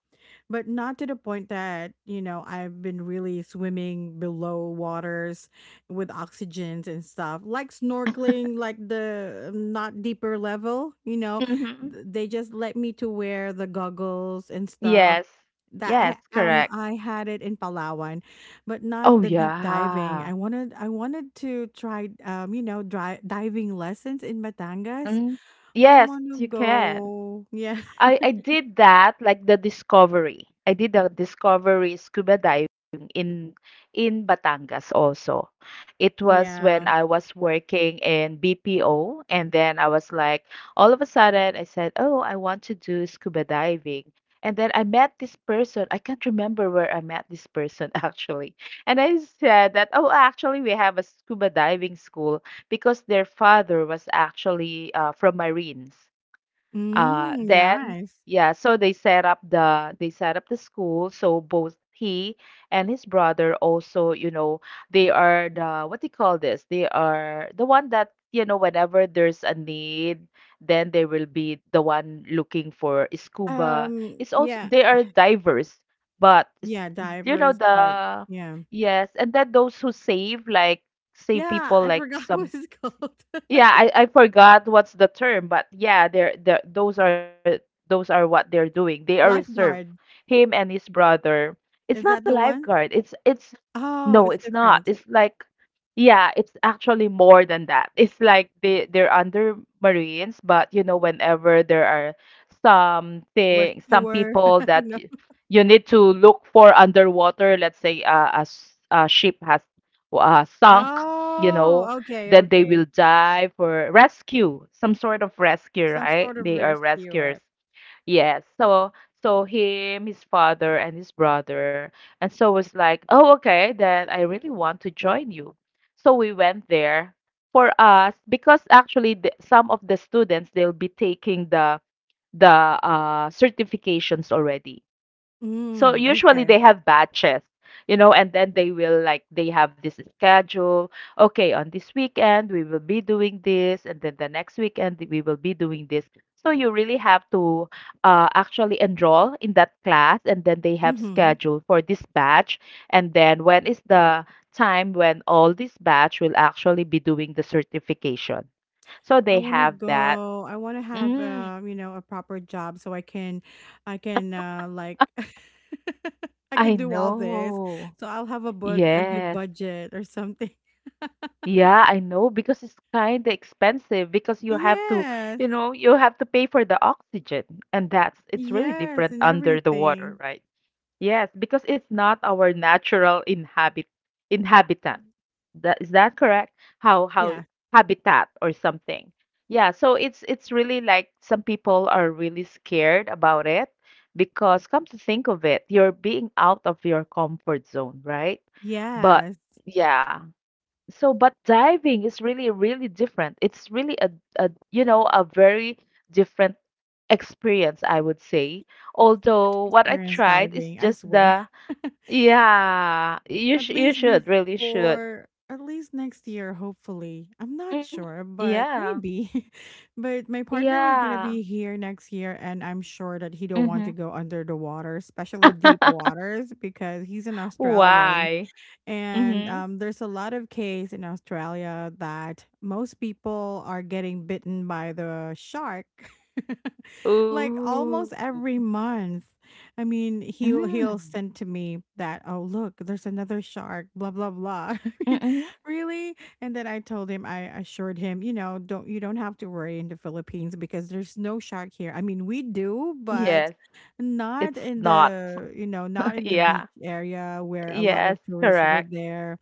Speaker 1: but not to the point that, you know, I've been really swimming below waters with oxygens and stuff, like snorkeling, like the not deeper level, you know,
Speaker 2: hmm.
Speaker 1: they just let me to wear the goggles and stuff.
Speaker 2: Yes. Yes,
Speaker 1: That
Speaker 2: correct.
Speaker 1: I had it in Palawan, but not
Speaker 2: Oh,
Speaker 1: the deep diving.
Speaker 2: yeah.
Speaker 1: I wanted to try you know dry diving lessons in Batangas.
Speaker 2: Mm.
Speaker 1: I
Speaker 2: Yes,
Speaker 1: wanna
Speaker 2: you can.
Speaker 1: go. Yeah.
Speaker 2: I I did that like the discovery. I did the discovery scuba diving in in Batangas also. It was when
Speaker 1: Yeah.
Speaker 2: I was working in BPO and then I was like all of a sudden I said, "Oh, I want to do scuba diving." And then I met this person. I can't remember where I met this person actually. And I said that, "Oh, actually we have a scuba diving school because their father was actually from Marines."
Speaker 1: Mm,
Speaker 2: Then,
Speaker 1: nice.
Speaker 2: yeah, so they set up the school. So both he and his brother also, you know, they are the what do you call this? They are the one that, you know, whenever there's a need, then they will be the one looking for scuba. It's also
Speaker 1: Yeah.
Speaker 2: they are diverse, but s-
Speaker 1: Yeah,
Speaker 2: you know
Speaker 1: divers, but
Speaker 2: the
Speaker 1: yeah.
Speaker 2: yes, and then those who save like save
Speaker 1: Yeah,
Speaker 2: people
Speaker 1: I
Speaker 2: like
Speaker 1: forgot what
Speaker 2: some
Speaker 1: it's called.
Speaker 2: yeah, I forgot what's the term, but yeah, they're the those are what they're doing. They are reserve.
Speaker 1: Lifeguard.
Speaker 2: Him and his brother.
Speaker 1: Is
Speaker 2: It's not
Speaker 1: that the
Speaker 2: a
Speaker 1: one?
Speaker 2: lifeguard. It's
Speaker 1: Oh,
Speaker 2: no,
Speaker 1: it's
Speaker 2: it's not.
Speaker 1: different.
Speaker 2: It's like yeah, it's actually more than that. It's like they're under Marines, but you know, whenever there are some thing, some
Speaker 1: Rescuer. I
Speaker 2: people
Speaker 1: don't
Speaker 2: that
Speaker 1: know.
Speaker 2: y- you need to look for underwater, let's say a, s- a ship has sunk, you know,
Speaker 1: Oh, okay,
Speaker 2: then they
Speaker 1: okay.
Speaker 2: will dive for rescue, some sort of rescue,
Speaker 1: Some sort
Speaker 2: right?
Speaker 1: of
Speaker 2: They are
Speaker 1: rescue, right?
Speaker 2: rescuers. Yes. So so him, his father, and his brother. And so was like, oh, okay, then I really want to join you. So we went there for us because actually the, some of the students they'll be taking the certifications already, so
Speaker 1: Mm,
Speaker 2: usually
Speaker 1: okay.
Speaker 2: they have batches, you know, and then they will like they have this schedule, okay, on this weekend we will be doing this and then the next weekend we will be doing this, so you really have to actually enroll in that class, and then they have
Speaker 1: Mhm.
Speaker 2: schedule for this batch, and then when is the time when all this batch will actually be doing the certification, so
Speaker 1: I
Speaker 2: they
Speaker 1: want to
Speaker 2: have that.
Speaker 1: go. I want to have
Speaker 2: Mm,
Speaker 1: you know, a proper job so I can I can I
Speaker 2: I
Speaker 1: can do all this.
Speaker 2: know.
Speaker 1: So I'll have a good
Speaker 2: Yes.
Speaker 1: budget or something.
Speaker 2: Yeah, I know because it's kind of expensive because you have to,
Speaker 1: Yes.
Speaker 2: you know, you have to pay for the oxygen, and that's it's really
Speaker 1: Yes,
Speaker 2: different
Speaker 1: and
Speaker 2: under the water,
Speaker 1: everything.
Speaker 2: right? Yes, because it's not our natural inhabit inhabitant. That is that correct? How
Speaker 1: Yeah.
Speaker 2: habitat or something. Yeah, so it's really like some people are really scared about it because come to think of it, you're being out of your comfort zone, right? But
Speaker 1: Yes.
Speaker 2: yeah so but diving is really really different, it's really a, you know, a very different experience, I would say,
Speaker 1: To
Speaker 2: although what I
Speaker 1: experience
Speaker 2: tried is
Speaker 1: diving, I
Speaker 2: just
Speaker 1: swear.
Speaker 2: the yeah you
Speaker 1: At
Speaker 2: sh- you
Speaker 1: least
Speaker 2: should really should.
Speaker 1: before, at least next year, hopefully. I'm not
Speaker 2: Mhm.
Speaker 1: sure, but
Speaker 2: Yeah.
Speaker 1: maybe. But my partner was gonna
Speaker 2: Yeah.
Speaker 1: be here next year, and I'm sure that he don't want
Speaker 2: Hmm.
Speaker 1: to go under the water, especially deep waters, because he's an Australian
Speaker 2: Why.
Speaker 1: and
Speaker 2: Hmm.
Speaker 1: there's a lot of case in Australia that most people are getting bitten by the shark, like
Speaker 2: Ooh.
Speaker 1: almost every month. I mean, he'll
Speaker 2: Mm.
Speaker 1: send to me that, "Oh look, there's another shark, blah blah blah." I mean,
Speaker 2: Mm-mm.
Speaker 1: really? And then I told him, I assured him, you know, don't have to worry in the Philippines because there's no shark here. I mean, we do, but
Speaker 2: Yes.
Speaker 1: not
Speaker 2: It's
Speaker 1: in
Speaker 2: not.
Speaker 1: the, not in the beach
Speaker 2: Yeah.
Speaker 1: area where a lot
Speaker 2: Yes,
Speaker 1: of tourists were
Speaker 2: correct.
Speaker 1: there.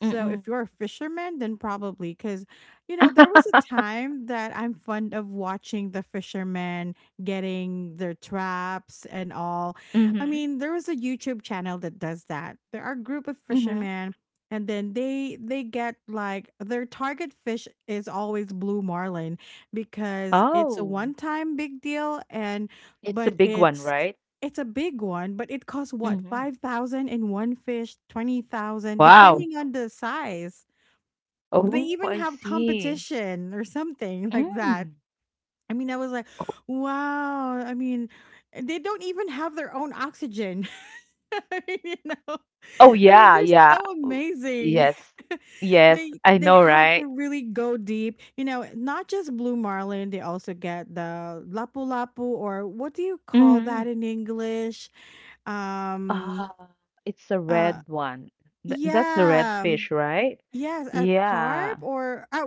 Speaker 1: So if
Speaker 2: Mm-mm.
Speaker 1: you're a fisherman, then probably because, you know, there was a time that I'm fond of watching the fishermen getting their traps and all. I
Speaker 2: mm-hmm.
Speaker 1: mean, there was a YouTube channel that does that. There are a group of
Speaker 2: Mm-hmm.
Speaker 1: fishermen and then they get, like, their target fish is always blue marlin because it's a one
Speaker 2: Oh.
Speaker 1: time big deal and
Speaker 2: It's
Speaker 1: but
Speaker 2: a big one, right?
Speaker 1: it's a big one, but it costs what,
Speaker 2: Mhm.
Speaker 1: 5,000 in one fish, 20,000,
Speaker 2: Wow.
Speaker 1: depending on the size. They
Speaker 2: Oh,
Speaker 1: even
Speaker 2: I
Speaker 1: have
Speaker 2: see.
Speaker 1: competition or something like that.
Speaker 2: Mm.
Speaker 1: I mean, I was like, wow. I mean, they don't even have their own oxygen. I mean, you know,
Speaker 2: Oh,
Speaker 1: I mean,
Speaker 2: yeah,
Speaker 1: they're
Speaker 2: yeah.
Speaker 1: so
Speaker 2: Oh,
Speaker 1: amazing.
Speaker 2: yes. Yes,
Speaker 1: they
Speaker 2: I
Speaker 1: they
Speaker 2: know,
Speaker 1: have to
Speaker 2: right?
Speaker 1: really go deep. You know, not just blue marlin, they also get the lapu lapu, or what do you call
Speaker 2: Mhm.
Speaker 1: that in English? Um,
Speaker 2: Ah, it's a
Speaker 1: uh,
Speaker 2: red one. Th that's the red
Speaker 1: yeah,
Speaker 2: fish, right?
Speaker 1: yes, a carb
Speaker 2: Yeah.
Speaker 1: or a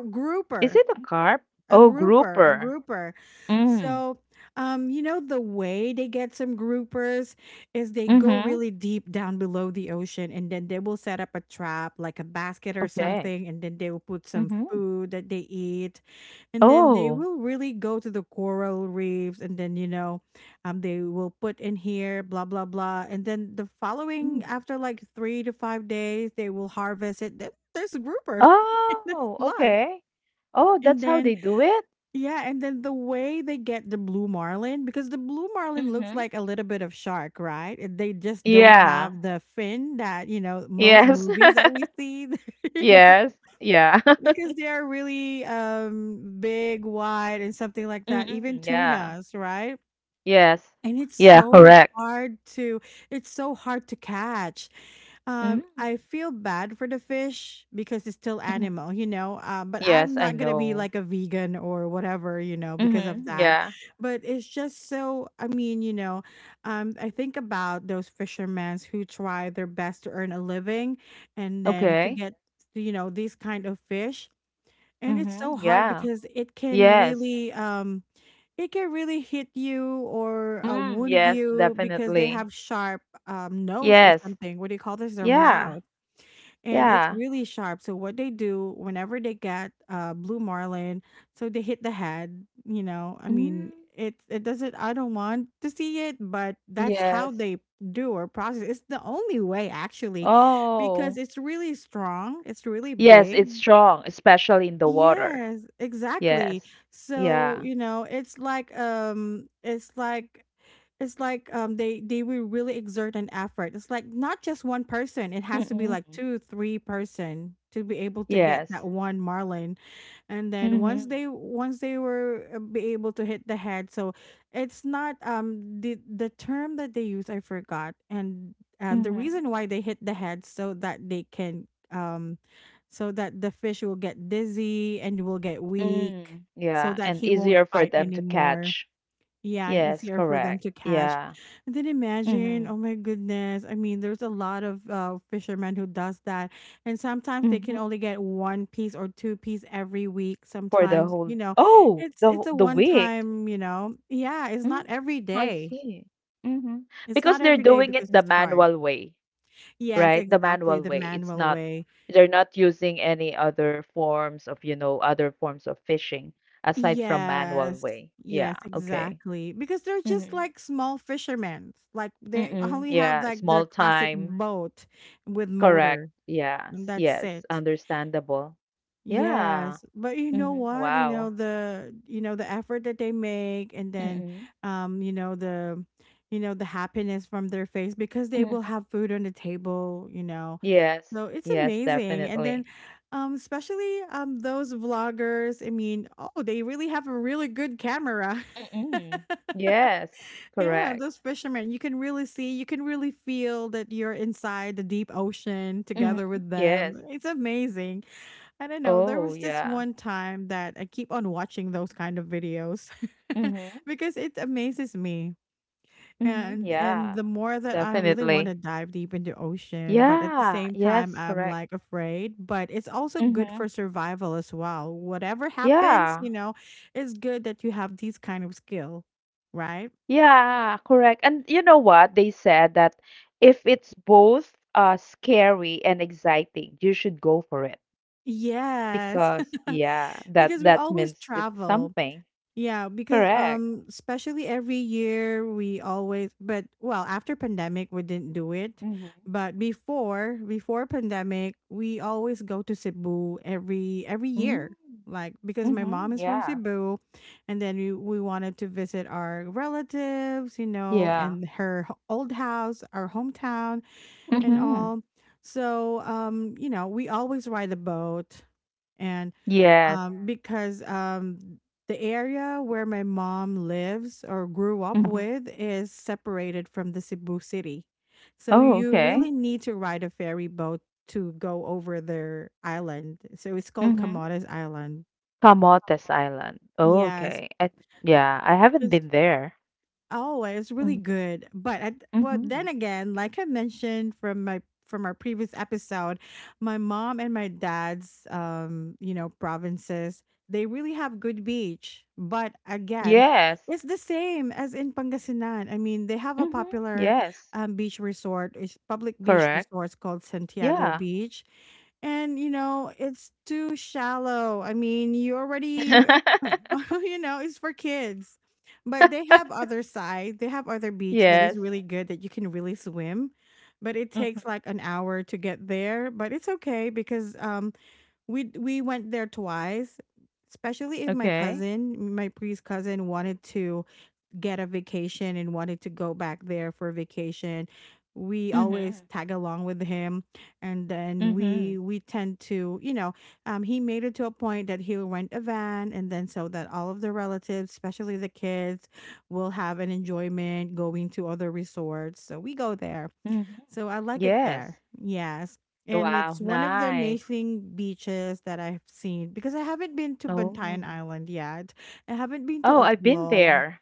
Speaker 2: Is
Speaker 1: grouper.
Speaker 2: it a carp?
Speaker 1: A
Speaker 2: Oh,
Speaker 1: grouper, a
Speaker 2: grouper.
Speaker 1: grouper.
Speaker 2: Mm.
Speaker 1: So, you know, the way they get some groupers is they go
Speaker 2: Mhm.
Speaker 1: really deep down below the ocean and then they will set up a trap, like a basket or
Speaker 2: Okay.
Speaker 1: something, and then they will put some
Speaker 2: Mhm.
Speaker 1: food that they eat. And then they
Speaker 2: Oh.
Speaker 1: will really go to the coral reefs and then, you know, they will put in here, blah, blah, blah. And then the following,
Speaker 2: Mm.
Speaker 1: after like 3 to 5 days, they will harvest it. Then there's a grouper. There's
Speaker 2: Oh,
Speaker 1: a lot.
Speaker 2: okay. Oh, that's
Speaker 1: And
Speaker 2: how
Speaker 1: then
Speaker 2: they do it?
Speaker 1: yeah, and then the way they get the blue marlin, because the blue marlin looks
Speaker 2: Mhm.
Speaker 1: like a little bit of shark, right? And they just don't
Speaker 2: Yeah.
Speaker 1: have the fin that, you know, most
Speaker 2: Yes.
Speaker 1: movies that we see, you know,
Speaker 2: Yes. Yeah.
Speaker 1: because they are really big, wide, and something like that. Even
Speaker 2: Mm-mm. Yeah.
Speaker 1: tunas, right?
Speaker 2: Yes.
Speaker 1: And
Speaker 2: Yeah, correct.
Speaker 1: it's so hard to catch.
Speaker 2: Mm-hmm.
Speaker 1: I feel bad for the fish because it's still animal, you know. But I'm
Speaker 2: Yes, I
Speaker 1: not gonna be
Speaker 2: know.
Speaker 1: like a vegan or whatever, you know, because of
Speaker 2: Mm-hmm.
Speaker 1: that.
Speaker 2: Yeah.
Speaker 1: But it's just so. I mean, you know, I think about those fishermen who try their best to earn a living, and then to
Speaker 2: Okay.
Speaker 1: get, you know, these kind of fish, and it's
Speaker 2: Mm-hmm.
Speaker 1: so hard
Speaker 2: Yeah.
Speaker 1: because
Speaker 2: Yes.
Speaker 1: it can really hit you or
Speaker 2: Mm,
Speaker 1: wound
Speaker 2: yes,
Speaker 1: you because they
Speaker 2: definitely.
Speaker 1: have sharp nose or
Speaker 2: Yes.
Speaker 1: something. What do you call this? Their
Speaker 2: Yeah.
Speaker 1: mouth, and it's
Speaker 2: Yeah.
Speaker 1: really sharp. So what they do whenever they get blue marlin, so they hit the head. You know, I mean,
Speaker 2: Mm.
Speaker 1: it doesn't. I don't want to see it, but that's how
Speaker 2: Yes.
Speaker 1: they do or process. It's the only way actually,
Speaker 2: Oh.
Speaker 1: because it's really strong. It's really
Speaker 2: Yes,
Speaker 1: big.
Speaker 2: it's strong, especially in the water.
Speaker 1: Yes, exactly.
Speaker 2: Yes.
Speaker 1: So,
Speaker 2: Yeah.
Speaker 1: you know, it's like they will really exert an effort. It's like not just one person. It has to be like
Speaker 2: Mm-mm.
Speaker 1: two, three person to be able to get
Speaker 2: Yes.
Speaker 1: that one marlin, and then
Speaker 2: Mm-hmm.
Speaker 1: once they were be able to hit the head, so it's not the term that they use, I forgot, and the
Speaker 2: Mm-hmm.
Speaker 1: reason why they hit the head, so that they can so that the fish will get dizzy and will get weak
Speaker 2: Mm,
Speaker 1: so
Speaker 2: yeah,
Speaker 1: that
Speaker 2: and
Speaker 1: he won't
Speaker 2: easier for
Speaker 1: fight
Speaker 2: them to
Speaker 1: anymore,
Speaker 2: catch.
Speaker 1: yeah, and
Speaker 2: Yes,
Speaker 1: easier for
Speaker 2: correct.
Speaker 1: them to catch.
Speaker 2: Yeah.
Speaker 1: And then
Speaker 2: Mm-hmm.
Speaker 1: imagine, oh my goodness. I mean, there's a lot of fishermen who does that. And sometimes they can
Speaker 2: Mm-hmm.
Speaker 1: only get one piece or two-piece every week.
Speaker 2: For the
Speaker 1: Sometimes,
Speaker 2: whole
Speaker 1: you know,
Speaker 2: oh,
Speaker 1: it's
Speaker 2: the
Speaker 1: it's a
Speaker 2: wh- the
Speaker 1: one
Speaker 2: week.
Speaker 1: time, you know. Yeah, it's
Speaker 2: Mm,
Speaker 1: not every
Speaker 2: I
Speaker 1: day.
Speaker 2: see. Mm-hmm.
Speaker 1: It's
Speaker 2: Because
Speaker 1: not
Speaker 2: they're
Speaker 1: every day
Speaker 2: doing it
Speaker 1: because
Speaker 2: the
Speaker 1: it's hard.
Speaker 2: manual way, right? The
Speaker 1: Yes,
Speaker 2: manual
Speaker 1: exactly,
Speaker 2: way.
Speaker 1: the
Speaker 2: It's not
Speaker 1: manual way.
Speaker 2: they're not using any other forms of, you know, other forms of fishing aside from manual
Speaker 1: Yes.
Speaker 2: way. Yeah,
Speaker 1: Yes,
Speaker 2: okay.
Speaker 1: exactly. Because they're just
Speaker 2: Mm-hmm.
Speaker 1: like small fishermen. Like they
Speaker 2: Mm-mm.
Speaker 1: only have
Speaker 2: Yeah,
Speaker 1: like their
Speaker 2: small
Speaker 1: classic
Speaker 2: time.
Speaker 1: boat with
Speaker 2: Correct.
Speaker 1: motor, and
Speaker 2: Yes.
Speaker 1: that's
Speaker 2: Yes.
Speaker 1: it.
Speaker 2: Understandable. Yeah.
Speaker 1: Yes. But you know
Speaker 2: Mm-hmm.
Speaker 1: what?
Speaker 2: Wow.
Speaker 1: You know the effort that they make, and then
Speaker 2: Mm-mm.
Speaker 1: um you know the you know the happiness from their face because they
Speaker 2: Mm-mm.
Speaker 1: will have food on the table, you know.
Speaker 2: Yes.
Speaker 1: So it's
Speaker 2: Yes,
Speaker 1: amazing. And then,
Speaker 2: definitely.
Speaker 1: especially those vloggers, I mean, oh, they really have a really good camera.
Speaker 2: Mm-mm. Yes.
Speaker 1: Yeah,
Speaker 2: Correct.
Speaker 1: those fishermen, you can really see, you can really feel that you're inside the deep ocean
Speaker 2: Mm-hmm.
Speaker 1: together with
Speaker 2: Yes.
Speaker 1: them. It's amazing. I don't know. There
Speaker 2: Oh,
Speaker 1: was just
Speaker 2: yeah.
Speaker 1: one time that I keep on watching those kind of videos
Speaker 2: Mm-hmm.
Speaker 1: because it amazes me.
Speaker 2: Mm-hmm.
Speaker 1: And
Speaker 2: Yeah.
Speaker 1: the more that I really want to
Speaker 2: Definitely.
Speaker 1: dive deep into ocean, but at the
Speaker 2: Yeah.
Speaker 1: same time
Speaker 2: Yes,
Speaker 1: I'm
Speaker 2: correct.
Speaker 1: like afraid, but it's also good
Speaker 2: Mm-hmm.
Speaker 1: for survival as well. Whatever happens,
Speaker 2: Yeah.
Speaker 1: you know, it's good that you have these kind of skill, right?
Speaker 2: Yeah, correct. And you know what? They said that if it's both scary and exciting, you should go for it.
Speaker 1: Yes.
Speaker 2: Because yeah, that
Speaker 1: Because we
Speaker 2: that
Speaker 1: always
Speaker 2: means it's
Speaker 1: travel.
Speaker 2: something.
Speaker 1: Yeah, because
Speaker 2: Correct.
Speaker 1: especially every year we always, but well after pandemic we didn't do it.
Speaker 2: Mhm.
Speaker 1: But before pandemic we always go to Cebu every
Speaker 2: Mm.
Speaker 1: year. Like because my
Speaker 2: Mhm.
Speaker 1: mom is from
Speaker 2: Yeah.
Speaker 1: Cebu and then we wanted to visit our relatives, you know,
Speaker 2: Yeah.
Speaker 1: and her old house, our hometown and
Speaker 2: Mhm.
Speaker 1: all. So you know, we always ride the boat, and
Speaker 2: Yes.
Speaker 1: Yeah. because the area where my mom lives or grew up
Speaker 2: Mhm.
Speaker 1: with is separated from the Cebu city. So
Speaker 2: Oh,
Speaker 1: you
Speaker 2: okay.
Speaker 1: really need to ride a ferry boat to go over their island. So it's called
Speaker 2: Mhm.
Speaker 1: Camotes Island.
Speaker 2: Camotes Island. Oh,
Speaker 1: Yes.
Speaker 2: okay. I, yeah, I haven't been there.
Speaker 1: Oh, it's really
Speaker 2: Mm.
Speaker 1: good. But I, well, then
Speaker 2: Mhm.
Speaker 1: again, like I mentioned from my from our previous episode, my mom and my dad's you know, provinces, they really have good beach. But again,
Speaker 2: Yes.
Speaker 1: it's the same as in Pangasinan. I mean, they have a
Speaker 2: Mhm.
Speaker 1: popular
Speaker 2: Yes.
Speaker 1: beach resort, it's public beach
Speaker 2: Correct.
Speaker 1: resorts called Santiago
Speaker 2: Yeah.
Speaker 1: Beach. And you know, it's too shallow. I mean, you already you know, it's for kids. But they have other side. They have other beach
Speaker 2: Yes.
Speaker 1: that is really good that you can really swim, but it
Speaker 2: Mhm.
Speaker 1: takes like an hour to get there. But it's okay because we went there twice, especially if my
Speaker 2: Okay.
Speaker 1: cousin, my priest cousin, wanted to get a vacation and wanted to go back there for vacation. We
Speaker 2: Mhm.
Speaker 1: always tag along with him, and then
Speaker 2: Mhm.
Speaker 1: we tend to, you know, he made it to a point that he'll rent a van, and then so that all of the relatives, especially the kids, will have an enjoyment going to other resorts, so we go there.
Speaker 2: Mhm.
Speaker 1: So I like it
Speaker 2: Yes.
Speaker 1: there. Yes. And
Speaker 2: Wow,
Speaker 1: it's one of the
Speaker 2: nice.
Speaker 1: amazing beaches that I've seen, because I haven't been to
Speaker 2: Oh.
Speaker 1: Bantayan Island yet. I haven't been
Speaker 2: Oh,
Speaker 1: to
Speaker 2: I've been
Speaker 1: Oslob.
Speaker 2: there.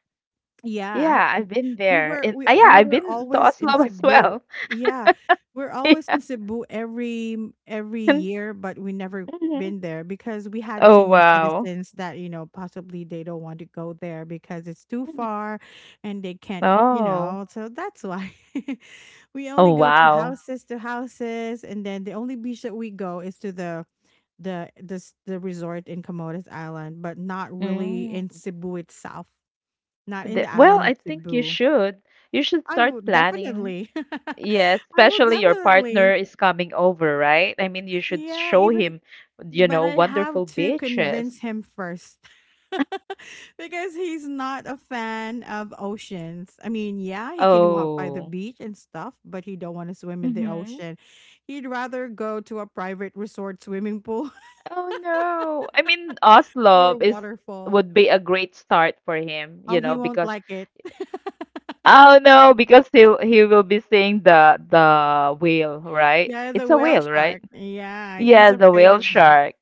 Speaker 1: Yeah, I have
Speaker 2: Yeah, I've been there. And ah, yeah,
Speaker 1: we
Speaker 2: I've
Speaker 1: were
Speaker 2: been to
Speaker 1: always in
Speaker 2: Oslo as
Speaker 1: Cebu.
Speaker 2: well.
Speaker 1: Yeah, we're always
Speaker 2: Yeah.
Speaker 1: in Cebu every
Speaker 2: And,
Speaker 1: year, but we never
Speaker 2: mhm.
Speaker 1: been there because we had
Speaker 2: Oh,
Speaker 1: senior
Speaker 2: wow.
Speaker 1: citizens that, you know, possibly they don't want to go there because it's too
Speaker 2: Mhm.
Speaker 1: far and they can't, you
Speaker 2: Oh.
Speaker 1: know, so that's why we only
Speaker 2: Oh,
Speaker 1: go to
Speaker 2: wow.
Speaker 1: houses to houses, and then the only beach that we go is to the this the resort in Comoros Island, but not really in
Speaker 2: Mm.
Speaker 1: Cebu itself, not in
Speaker 2: The-
Speaker 1: the
Speaker 2: well,
Speaker 1: island of
Speaker 2: I think you
Speaker 1: Cebu.
Speaker 2: should. You should
Speaker 1: I
Speaker 2: start
Speaker 1: would
Speaker 2: planning.
Speaker 1: definitely.
Speaker 2: Yes,
Speaker 1: I will
Speaker 2: especially your partner
Speaker 1: definitely.
Speaker 2: is coming over, right? I mean, you should
Speaker 1: Yeah,
Speaker 2: show
Speaker 1: even
Speaker 2: him, you
Speaker 1: but
Speaker 2: know,
Speaker 1: I have
Speaker 2: wonderful
Speaker 1: to convince
Speaker 2: beaches.
Speaker 1: him first. Because he's not a fan of oceans. I mean, yeah, he can walk by the
Speaker 2: Oh.
Speaker 1: beach and stuff, but he don't want to swim in the
Speaker 2: Mm-hmm.
Speaker 1: ocean. He'd rather go to a private resort swimming pool
Speaker 2: Oh no. I mean,
Speaker 1: or
Speaker 2: Oslo
Speaker 1: a
Speaker 2: is would
Speaker 1: waterfall.
Speaker 2: be a great start for him, you
Speaker 1: Oh,
Speaker 2: know,
Speaker 1: he won't
Speaker 2: because
Speaker 1: like it.
Speaker 2: oh no, because he will be seeing the whale, right?
Speaker 1: Yeah,
Speaker 2: It's
Speaker 1: the
Speaker 2: a
Speaker 1: whale
Speaker 2: whale, right?
Speaker 1: shark. Yeah, he's
Speaker 2: Yeah, the
Speaker 1: afraid
Speaker 2: whale
Speaker 1: of that.
Speaker 2: shark.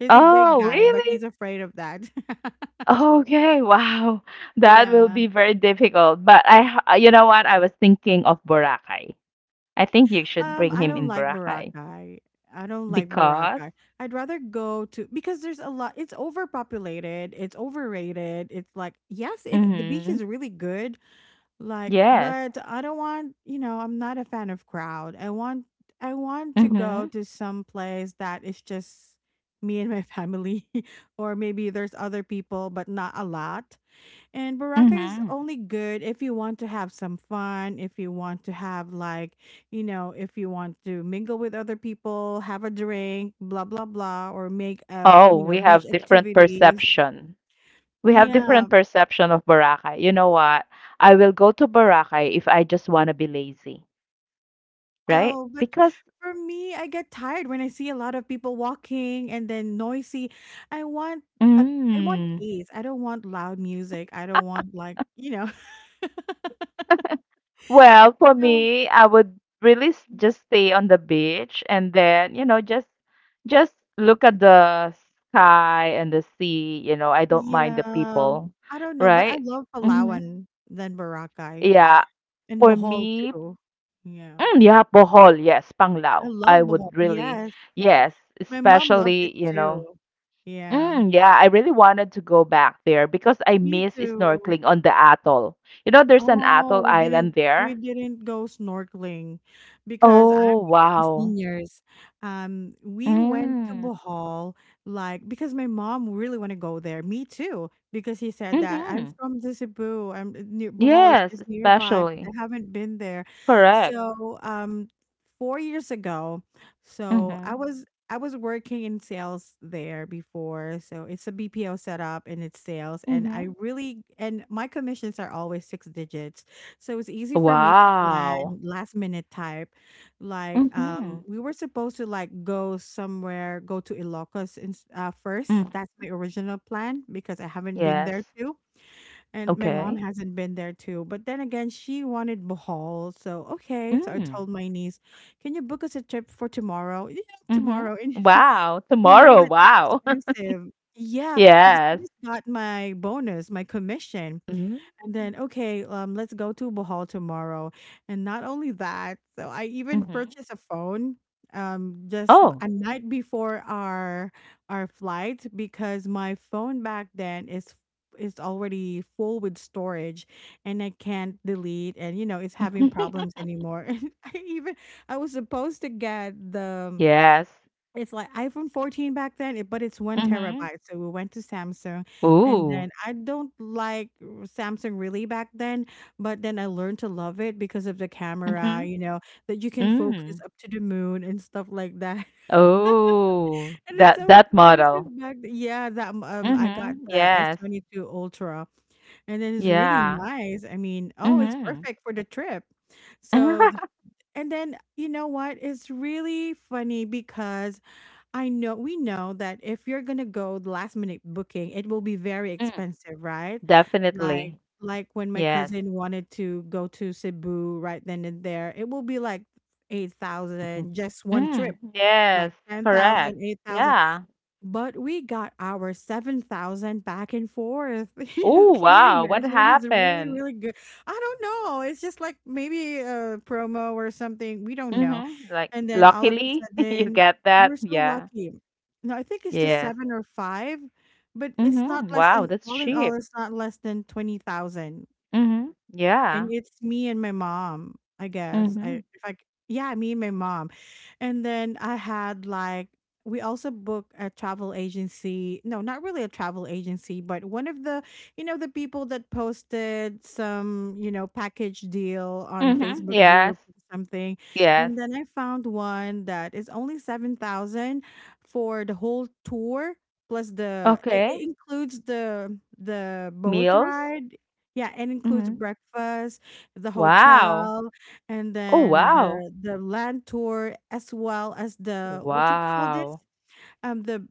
Speaker 1: He's a big
Speaker 2: Oh,
Speaker 1: guy, but
Speaker 2: really?
Speaker 1: he's afraid of that.
Speaker 2: Okay, wow. That will
Speaker 1: Yeah.
Speaker 2: be very difficult. But I, h- you know what? I was thinking of Boracay. I think you should bring
Speaker 1: I
Speaker 2: him
Speaker 1: don't
Speaker 2: in
Speaker 1: like
Speaker 2: Boracay
Speaker 1: Boracay. I don't like
Speaker 2: because,
Speaker 1: Boracay. I'd rather go to because there's a lot. It's overpopulated. It's overrated. It's like yes, it's the
Speaker 2: mm-hmm,
Speaker 1: beach is really good. Like,
Speaker 2: yes,
Speaker 1: but I don't want, you know, I'm not a fan of crowd. I want to
Speaker 2: mm-hmm,
Speaker 1: go to some place that is just me and my family or maybe there's other people but not a lot. And Baraka is
Speaker 2: mm-hmm.
Speaker 1: only good if you want to have some fun, if you want to have like, you know, if you want to mingle with other people, have a drink, blah blah blah, or make
Speaker 2: Oh,
Speaker 1: you
Speaker 2: we
Speaker 1: know,
Speaker 2: have
Speaker 1: beach
Speaker 2: different
Speaker 1: activities.
Speaker 2: perception. We have different
Speaker 1: Yeah.
Speaker 2: perception of Boracay. You know what? I will go to Boracay if I just want to be lazy, right?
Speaker 1: Oh, but
Speaker 2: Because,
Speaker 1: for me, I get tired when I see a lot of people walking and then noisy. I want a, I want
Speaker 2: mm,
Speaker 1: peace. I don't want loud music. I don't want like, you know.
Speaker 2: well, for
Speaker 1: So,
Speaker 2: me, I would really s- just stay on the beach and then, you know, just look at the sky and the sea. You know, I don't mind the
Speaker 1: yeah,
Speaker 2: people,
Speaker 1: I don't know, but I
Speaker 2: right?
Speaker 1: love
Speaker 2: Hmm.
Speaker 1: Palawan than Boracay
Speaker 2: Yeah.
Speaker 1: and
Speaker 2: For
Speaker 1: Bohol
Speaker 2: me,
Speaker 1: too. Yeah.
Speaker 2: mm, yeah, bohol, yes,
Speaker 1: I
Speaker 2: panglao.
Speaker 1: love
Speaker 2: I
Speaker 1: Bohol.
Speaker 2: would really,
Speaker 1: Yes.
Speaker 2: yes,
Speaker 1: My mom loves it
Speaker 2: especially, you know,
Speaker 1: too. Yeah.
Speaker 2: mm, yeah, I really wanted to go back there because I
Speaker 1: Me
Speaker 2: miss
Speaker 1: too.
Speaker 2: snorkeling on the atoll. You know, there's an
Speaker 1: Oh,
Speaker 2: atoll
Speaker 1: we
Speaker 2: island
Speaker 1: didn't we
Speaker 2: there.
Speaker 1: didn't go snorkeling because I'm
Speaker 2: Oh,
Speaker 1: with the
Speaker 2: wow.
Speaker 1: seniors. We went to
Speaker 2: Mm,
Speaker 1: Bohol, like, because my mom really want to go there. Me too, because he said that I'm
Speaker 2: mm-hmm.
Speaker 1: from the Cebu. I'm, near Bohol is
Speaker 2: Yes,
Speaker 1: just nearby, but
Speaker 2: especially.
Speaker 1: I haven't been there.
Speaker 2: Correct.
Speaker 1: So 4 years ago, so
Speaker 2: Mm-hmm.
Speaker 1: I was working in sales there before, so it's a BPO setup and it's sales, and
Speaker 2: Mm-hmm.
Speaker 1: I really and my commissions are always six digits. So it's easy for me to
Speaker 2: Wow.
Speaker 1: plan last minute type. Like,
Speaker 2: Mm-hmm.
Speaker 1: we were supposed to, like, go somewhere, go to Ilocos
Speaker 2: Mm.
Speaker 1: first. That's my original plan because I haven't been there
Speaker 2: Yes.
Speaker 1: too, and my mom
Speaker 2: Okay.
Speaker 1: hasn't been there too. But then again, she wanted Bohol. So, okay, so I
Speaker 2: Mm.
Speaker 1: told my niece, "Can you book us a trip for tomorrow?" Yeah, tomorrow.
Speaker 2: Mm-hmm. Wow.
Speaker 1: We know
Speaker 2: Tomorrow.
Speaker 1: that it's
Speaker 2: Wow.
Speaker 1: expensive. Yeah, because I
Speaker 2: Yes.
Speaker 1: just got my bonus, my commission.
Speaker 2: Mm.
Speaker 1: And then, okay, let's go to Bohol tomorrow. And not only that, so I even
Speaker 2: Mhm.
Speaker 1: purchased a phone just
Speaker 2: Oh,
Speaker 1: a night before our flight because my phone back then is already full with storage, and I can't delete, and, you know, it's having problems anymore. And I even I was supposed to get the
Speaker 2: yes.
Speaker 1: it's like iPhone 14 back then, it but it's 1
Speaker 2: Mhm.
Speaker 1: terabyte, so we went to Samsung, and
Speaker 2: Ooh.
Speaker 1: then I don't like Samsung really back then, but then I learned to love it because of the camera,
Speaker 2: Mhm.
Speaker 1: you know, that you can focus
Speaker 2: Mm.
Speaker 1: up to the moon and stuff like that.
Speaker 2: Oh,
Speaker 1: And it's
Speaker 2: that
Speaker 1: so
Speaker 2: that
Speaker 1: expensive
Speaker 2: model.
Speaker 1: back th Yeah, that, I got
Speaker 2: Mhm.
Speaker 1: the
Speaker 2: Yes.
Speaker 1: S22 Ultra, and then it's really
Speaker 2: Yeah.
Speaker 1: nice. I mean, oh, it's
Speaker 2: Mhm.
Speaker 1: perfect for the trip. So, the And then, you know what? It's really funny because I know we know that if you're gonna go the last minute booking, it will be very
Speaker 2: Mm.
Speaker 1: expensive, right? Like,
Speaker 2: Definitely.
Speaker 1: when my
Speaker 2: Yes.
Speaker 1: cousin wanted to go to Cebu right then and there, it will be like
Speaker 2: Mhm.
Speaker 1: 8,000 just one
Speaker 2: Mm.
Speaker 1: trip,
Speaker 2: Yes,
Speaker 1: like ten
Speaker 2: correct.
Speaker 1: thousand, 8,000.
Speaker 2: Yeah.
Speaker 1: But we got our 7,000 back and forth. You know,
Speaker 2: Oh,
Speaker 1: can you
Speaker 2: wow. What
Speaker 1: imagine? It's really,
Speaker 2: happened?
Speaker 1: really good. I don't know. It's just like maybe a promo or something. We don't know.
Speaker 2: Mhm. Like,
Speaker 1: And then all of a
Speaker 2: luckily, you
Speaker 1: sudden,
Speaker 2: get that.
Speaker 1: we're so
Speaker 2: Yeah.
Speaker 1: lucky. No, I think it's just
Speaker 2: Yes.
Speaker 1: seven or five, but it's not
Speaker 2: Mhm.
Speaker 1: less
Speaker 2: Wow,
Speaker 1: than,
Speaker 2: that's
Speaker 1: all in all,
Speaker 2: cheap.
Speaker 1: it's not less than 20,000.
Speaker 2: Mhm.
Speaker 1: And
Speaker 2: Yeah.
Speaker 1: it's me and my mom, I guess. I
Speaker 2: Mhm.
Speaker 1: if I c- Yeah, me and my mom. And then I had, like, we also booked a travel agency. No, not really a travel agency, but one of the you know, the people that posted some, you know, package deal on
Speaker 2: Mhm.
Speaker 1: Facebook
Speaker 2: Yes.
Speaker 1: group or something.
Speaker 2: Yes.
Speaker 1: And then I found one that is only 7,000 for the whole tour, plus the it
Speaker 2: Okay.
Speaker 1: includes the boat
Speaker 2: Meals?
Speaker 1: ride, yeah, it includes
Speaker 2: Mhm.
Speaker 1: breakfast, the
Speaker 2: Wow.
Speaker 1: hotel, and
Speaker 2: Oh,
Speaker 1: then
Speaker 2: wow.
Speaker 1: the land tour, as well as the, what do you call this?
Speaker 2: Wow.
Speaker 1: The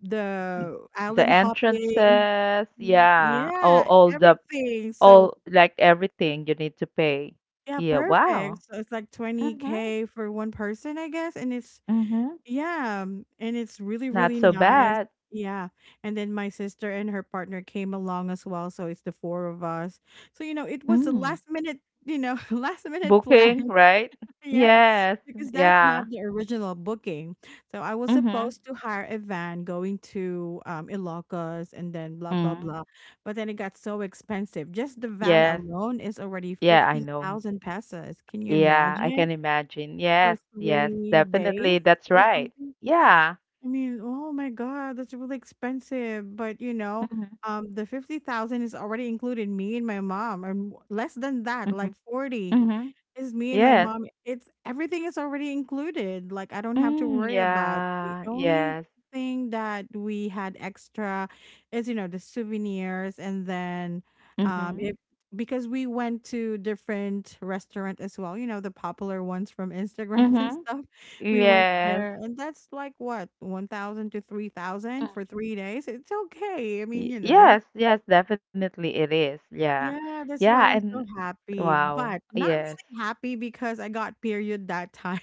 Speaker 2: N
Speaker 1: the
Speaker 2: the
Speaker 1: island hopping.
Speaker 2: entrances,
Speaker 1: Mm,
Speaker 2: yeah.
Speaker 1: yeah,
Speaker 2: All the
Speaker 1: everything. So,
Speaker 2: all like everything you need to pay.
Speaker 1: yeah,
Speaker 2: Yeah,
Speaker 1: perfect.
Speaker 2: wow.
Speaker 1: So it's like
Speaker 2: Mhm.
Speaker 1: 20K for one person, I guess, and it's
Speaker 2: Mhm.
Speaker 1: yeah, and it's really,
Speaker 2: Not
Speaker 1: really
Speaker 2: so
Speaker 1: nice.
Speaker 2: bad.
Speaker 1: Yeah. And then my sister and her partner came along as well, so it's the four of us. So, you know, it was a
Speaker 2: Mm.
Speaker 1: last minute, you know, last minute plan.
Speaker 2: Booking, right?
Speaker 1: Yeah.
Speaker 2: Yes.
Speaker 1: Because that's
Speaker 2: Yeah.
Speaker 1: not the original booking. So I was
Speaker 2: Mhm.
Speaker 1: supposed to hire a van going to Ilocos and then blah blah
Speaker 2: Mm.
Speaker 1: blah. But then it got so expensive. Just the van
Speaker 2: Yeah.
Speaker 1: alone is already
Speaker 2: Yeah, I know.
Speaker 1: 50,000 pesos. Can you
Speaker 2: Yeah, I can
Speaker 1: imagine,
Speaker 2: imagine.
Speaker 1: for
Speaker 2: Yes, yes,
Speaker 1: 3 days
Speaker 2: definitely. That's
Speaker 1: or
Speaker 2: right.
Speaker 1: something?
Speaker 2: Yeah.
Speaker 1: I mean, oh my God, that's really expensive. But, you know,
Speaker 2: Mhm,
Speaker 1: the 50,000 is already included me and my mom, and less than that, like
Speaker 2: mhm,
Speaker 1: 40.
Speaker 2: mhm.
Speaker 1: It's me and my
Speaker 2: Yes.
Speaker 1: mom. It's everything is already included. Like, I don't have to
Speaker 2: Mm,
Speaker 1: worry about. The
Speaker 2: yeah.
Speaker 1: only
Speaker 2: Yes.
Speaker 1: thing that we had extra is, you know, the souvenirs, and then
Speaker 2: Mhm,
Speaker 1: if, because we went to different restaurant as well, you know, the popular ones from Instagrams and
Speaker 2: mhm.
Speaker 1: stuff. We went
Speaker 2: Yes.
Speaker 1: there, and that's like, what, 1,000 to 3,000
Speaker 2: Mm.
Speaker 1: for 3 days. It's okay. I mean,
Speaker 2: Y
Speaker 1: you know,
Speaker 2: yes, yes, definitely it is. Yeah.
Speaker 1: yeah, that's
Speaker 2: Yeah,
Speaker 1: why I'm
Speaker 2: and
Speaker 1: so happy,
Speaker 2: wow.
Speaker 1: but not
Speaker 2: Yes.
Speaker 1: really happy because I got period that time.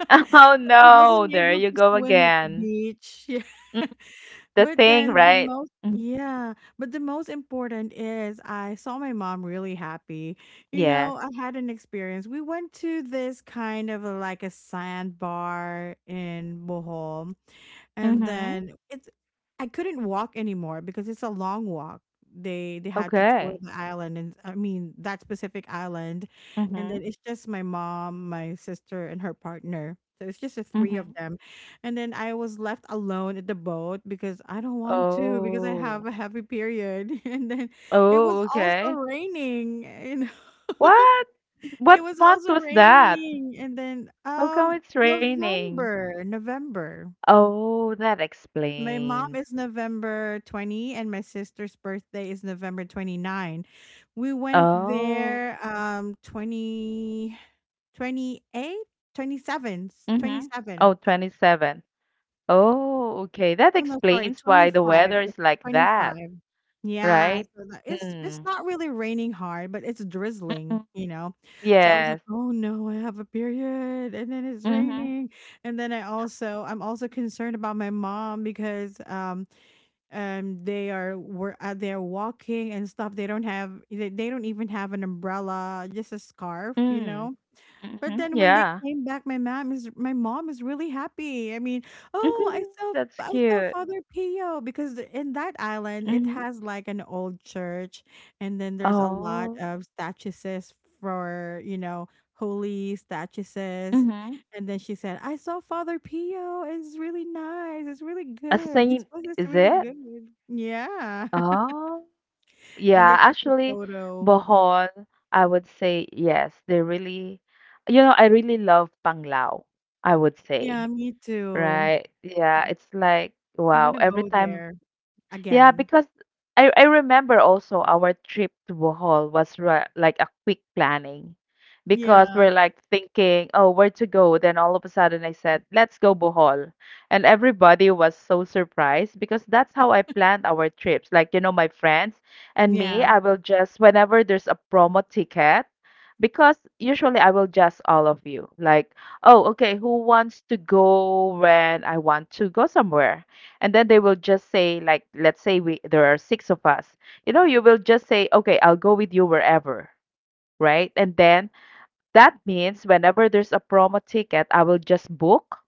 Speaker 2: Oh,
Speaker 1: So I
Speaker 2: no.
Speaker 1: wasn't
Speaker 2: There
Speaker 1: able
Speaker 2: you
Speaker 1: to
Speaker 2: go
Speaker 1: swim at the
Speaker 2: again.
Speaker 1: beach. Yeah.
Speaker 2: Mm, the
Speaker 1: But
Speaker 2: thing,
Speaker 1: then the
Speaker 2: right?
Speaker 1: most,
Speaker 2: Mm,
Speaker 1: yeah, but the most important is I saw my mom really happy. You
Speaker 2: yes.
Speaker 1: know, I had an experience. We went to this kind of a, like, a sandbar in Bohol, and
Speaker 2: Mhm.
Speaker 1: then it's, I couldn't walk anymore because it's a long walk. They had to tour
Speaker 2: Okay.
Speaker 1: the island, and I mean that specific island, and
Speaker 2: Mhm,
Speaker 1: then it's just my mom, my sister and her partner, so it's just the three of
Speaker 2: mhm.
Speaker 1: them. And then I was left alone at the boat because I don't want to, because I
Speaker 2: Oh.
Speaker 1: have a heavy period and then it was
Speaker 2: Oh,
Speaker 1: also
Speaker 2: okay.
Speaker 1: raining, you know.
Speaker 2: What? What
Speaker 1: It was
Speaker 2: month
Speaker 1: also
Speaker 2: was that?
Speaker 1: raining, and then,
Speaker 2: How come it's raining?
Speaker 1: November.
Speaker 2: Oh, that
Speaker 1: My mom
Speaker 2: explains.
Speaker 1: is November 20, and my sister's birthday is November 29. We went
Speaker 2: Oh.
Speaker 1: there, twenty, twenty, 28, 27,
Speaker 2: Mm-hmm.
Speaker 1: 27.
Speaker 2: Oh, 27. Oh, okay. That
Speaker 1: Oh no, sorry,
Speaker 2: explains
Speaker 1: Twenty
Speaker 2: why the
Speaker 1: five,
Speaker 2: weather is like
Speaker 1: twenty
Speaker 2: that,
Speaker 1: five. Yeah,
Speaker 2: right?
Speaker 1: so that, it's
Speaker 2: Mm.
Speaker 1: not really raining hard, but it's drizzling,
Speaker 2: Mhm.
Speaker 1: you know. So I was like,
Speaker 2: Yes.
Speaker 1: "Oh no, I have a period. And then it's
Speaker 2: Mm-hmm.
Speaker 1: raining." And then I also, I'm also concerned about my mom, because they are, were, they're walking and stuff. They don't have, they don't even have an umbrella, just a scarf, you
Speaker 2: Mm.
Speaker 1: know.
Speaker 2: Mm-hmm.
Speaker 1: But then when
Speaker 2: Yeah.
Speaker 1: they came back, my mom is, my mom is really happy. I mean, "Oh, I saw,
Speaker 2: That's
Speaker 1: I saw
Speaker 2: cute.
Speaker 1: Father Pio," because in that island, it
Speaker 2: Mm-hmm.
Speaker 1: has like an old church, and then there's a lot
Speaker 2: Oh.
Speaker 1: of statues for, you know, holy statues.
Speaker 2: Mm-hmm.
Speaker 1: And then she said, "I saw Father Pio. It's really nice. It's really
Speaker 2: A
Speaker 1: good. This
Speaker 2: saint,
Speaker 1: place is
Speaker 2: is
Speaker 1: really
Speaker 2: it?
Speaker 1: good." Yeah.
Speaker 2: Oh.
Speaker 1: And
Speaker 2: Yeah,
Speaker 1: they took a
Speaker 2: actually,
Speaker 1: photo.
Speaker 2: Bohol, I would say yes. They really, you know, I really love Panglao, I would
Speaker 1: Yeah,
Speaker 2: say,
Speaker 1: me too.
Speaker 2: right? Yeah, it's like,
Speaker 1: I want
Speaker 2: wow,
Speaker 1: to go
Speaker 2: every time
Speaker 1: there
Speaker 2: yeah,
Speaker 1: again.
Speaker 2: because I remember also our trip to Bohol was like a quick planning because
Speaker 1: Yeah,
Speaker 2: we're like thinking, oh, where to go? Then all of a sudden I said, let's go Bohol. And everybody was so surprised because that's how I planned our trips. Like, you know, my friends and me,
Speaker 1: yeah,
Speaker 2: I will just, whenever there's a promo ticket, because usually I will just all of you, like, oh, okay, who wants to go when I want to go somewhere? And then they will just say, like, let's say, we there are six of us, you know, you will just say, okay, I'll go with you wherever, right? And then that means whenever there's a promo ticket, I will just book.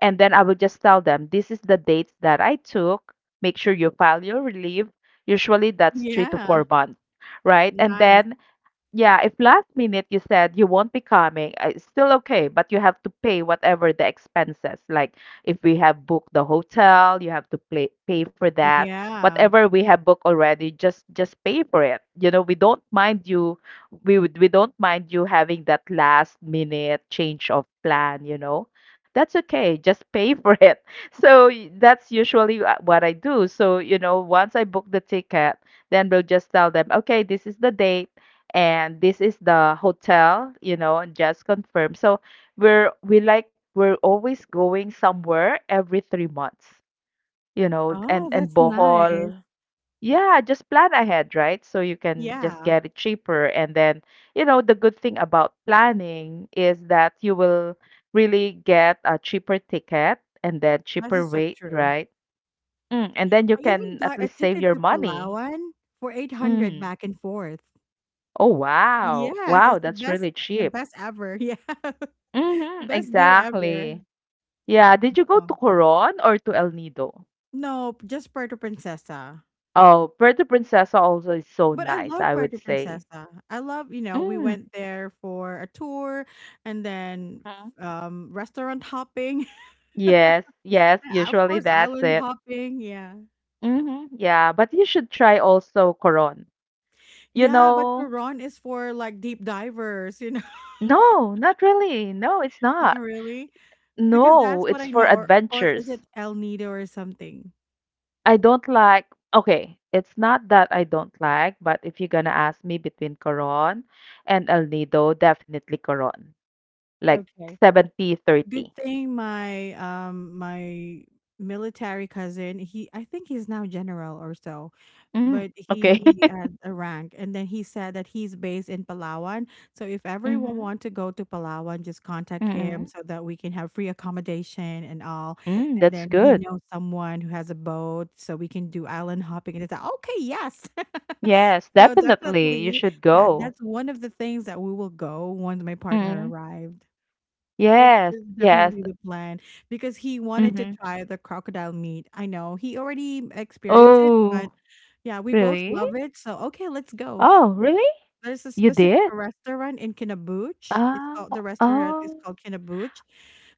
Speaker 2: And then I will just tell them, this is the dates that I took, make sure you file your leave. Usually that's three to
Speaker 1: yeah,
Speaker 2: four months right? And
Speaker 1: nice,
Speaker 2: then yeah, if last minute you said you won't be coming, it's still okay, but you have to pay whatever the expenses. Like if we have booked the hotel, you have to pay for that.
Speaker 1: yeah.
Speaker 2: Whatever we have booked already, just pay for it. You know, we don't mind you. We don't mind you having that last minute change of plan. You know, that's okay. Just pay for it. So that's usually what I do. So you know, once I book the ticket, then we'll just tell them, okay, this is the date and this is the hotel, you know, and just confirm. So we're we like we're always going somewhere every 3 months, you know, and
Speaker 1: Oh,
Speaker 2: and
Speaker 1: that's nice.
Speaker 2: Bohol. Yeah, just plan ahead, right? So you can just
Speaker 1: Yeah,
Speaker 2: get it cheaper. And then, you know, the good thing about planning is that you will really get a cheaper ticket and then
Speaker 1: that
Speaker 2: cheaper
Speaker 1: is so
Speaker 2: rate,
Speaker 1: true.
Speaker 2: right? Mm, and then you
Speaker 1: I even
Speaker 2: can at
Speaker 1: got a
Speaker 2: least save
Speaker 1: ticket
Speaker 2: your
Speaker 1: to
Speaker 2: money.
Speaker 1: Palawan for 800
Speaker 2: Mm.
Speaker 1: back and forth.
Speaker 2: Oh, wow.
Speaker 1: Yes,
Speaker 2: Wow,
Speaker 1: it's the
Speaker 2: that's
Speaker 1: best,
Speaker 2: really cheap.
Speaker 1: best ever. Yeah.
Speaker 2: Mhm,
Speaker 1: Best deal ever.
Speaker 2: exactly. Yeah, did you go
Speaker 1: Yeah.
Speaker 2: to Coron or to El Nido?
Speaker 1: No, just Puerto Princesa.
Speaker 2: Oh, Puerto Princesa also is so
Speaker 1: But I
Speaker 2: nice,
Speaker 1: love
Speaker 2: I would
Speaker 1: Puerto
Speaker 2: say.
Speaker 1: Princesa. I love, you know, we
Speaker 2: Mm,
Speaker 1: went there for a tour, and then
Speaker 2: mhm.
Speaker 1: restaurant hopping.
Speaker 2: Yes, yes,
Speaker 1: Yeah, of
Speaker 2: usually
Speaker 1: course,
Speaker 2: that's
Speaker 1: island
Speaker 2: it.
Speaker 1: hopping, yeah.
Speaker 2: Hmm. Yeah, but you should try also Coron. You
Speaker 1: Yeah, but
Speaker 2: know,
Speaker 1: Coron is for, like, deep divers, you know.
Speaker 2: no, not really. No, it's
Speaker 1: Not
Speaker 2: not.
Speaker 1: really, because that's
Speaker 2: No,
Speaker 1: what
Speaker 2: it's
Speaker 1: I
Speaker 2: for
Speaker 1: know. Or is
Speaker 2: adventures.
Speaker 1: it El Nido or something?
Speaker 2: I don't like, okay, it's not that I don't like, but if you're gonna ask me between Coron and El Nido, definitely Coron. Like
Speaker 1: Okay.
Speaker 2: seventy
Speaker 1: Good
Speaker 2: thirty. 30.
Speaker 1: thing my military cousin, he I think he's now general or so.
Speaker 2: Mm,
Speaker 1: But he
Speaker 2: okay.
Speaker 1: he had a rank, and then he said that he's based in Palawan. So if everyone
Speaker 2: Mm-hmm.
Speaker 1: want to go to Palawan, just contact
Speaker 2: Mm-hmm.
Speaker 1: him, so that we can have free accommodation and all.
Speaker 2: Mm,
Speaker 1: And
Speaker 2: that's
Speaker 1: then he
Speaker 2: good.
Speaker 1: knows someone who has a boat, so we can do island hopping, and it's like, okay, yes.
Speaker 2: Yes,
Speaker 1: So
Speaker 2: definitely. You
Speaker 1: definitely,
Speaker 2: should
Speaker 1: yeah,
Speaker 2: go.
Speaker 1: that's one of the things that we will go once my partner
Speaker 2: Mm-hmm.
Speaker 1: arrived. it's
Speaker 2: Yes,
Speaker 1: it's
Speaker 2: yes.
Speaker 1: definitely the plan because he wanted to
Speaker 2: Mm-hmm.
Speaker 1: try the crocodile meat. I know he already experienced it, but
Speaker 2: Oh,
Speaker 1: yeah, we both
Speaker 2: really?
Speaker 1: love it, so, okay, let's go.
Speaker 2: Oh, really?
Speaker 1: There's a
Speaker 2: You
Speaker 1: specific
Speaker 2: did?
Speaker 1: restaurant in Kinabuch. It's
Speaker 2: Ah,
Speaker 1: called The restaurant is
Speaker 2: oh.
Speaker 1: called Kinabuch.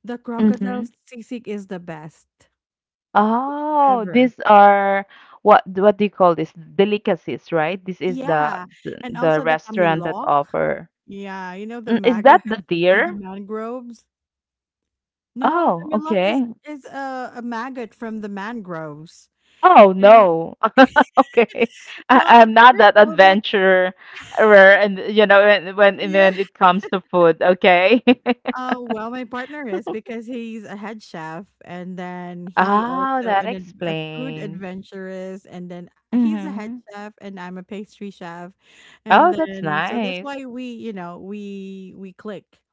Speaker 1: The crocodile
Speaker 2: Mm-hmm.
Speaker 1: sisig is the best. It's
Speaker 2: Oh,
Speaker 1: ever.
Speaker 2: these are what do you call this? Delicacies, right? This is
Speaker 1: Yeah,
Speaker 2: the
Speaker 1: and
Speaker 2: the
Speaker 1: also the
Speaker 2: restaurant that
Speaker 1: Tamilok.
Speaker 2: offer.
Speaker 1: Yeah, you know, the
Speaker 2: Is that
Speaker 1: maggots
Speaker 2: the
Speaker 1: from the
Speaker 2: deer?
Speaker 1: mangroves? No,
Speaker 2: Oh,
Speaker 1: Tamilok is
Speaker 2: okay.
Speaker 1: is a maggot from the mangroves.
Speaker 2: Oh
Speaker 1: And,
Speaker 2: no. Okay, I,
Speaker 1: well, at
Speaker 2: I'm not
Speaker 1: first
Speaker 2: that
Speaker 1: I was like,
Speaker 2: adventurer, and you know when when
Speaker 1: "Yeah."
Speaker 2: when it comes to food. Okay.
Speaker 1: Well, my partner is, because he's a head chef, and then he
Speaker 2: Oh,
Speaker 1: also
Speaker 2: that
Speaker 1: a food
Speaker 2: explains.
Speaker 1: adventurous, and then he's a head
Speaker 2: Mm-hmm.
Speaker 1: chef, and I'm a pastry chef, and
Speaker 2: Oh, that's
Speaker 1: then, so that's
Speaker 2: nice.
Speaker 1: why we, you know, we click.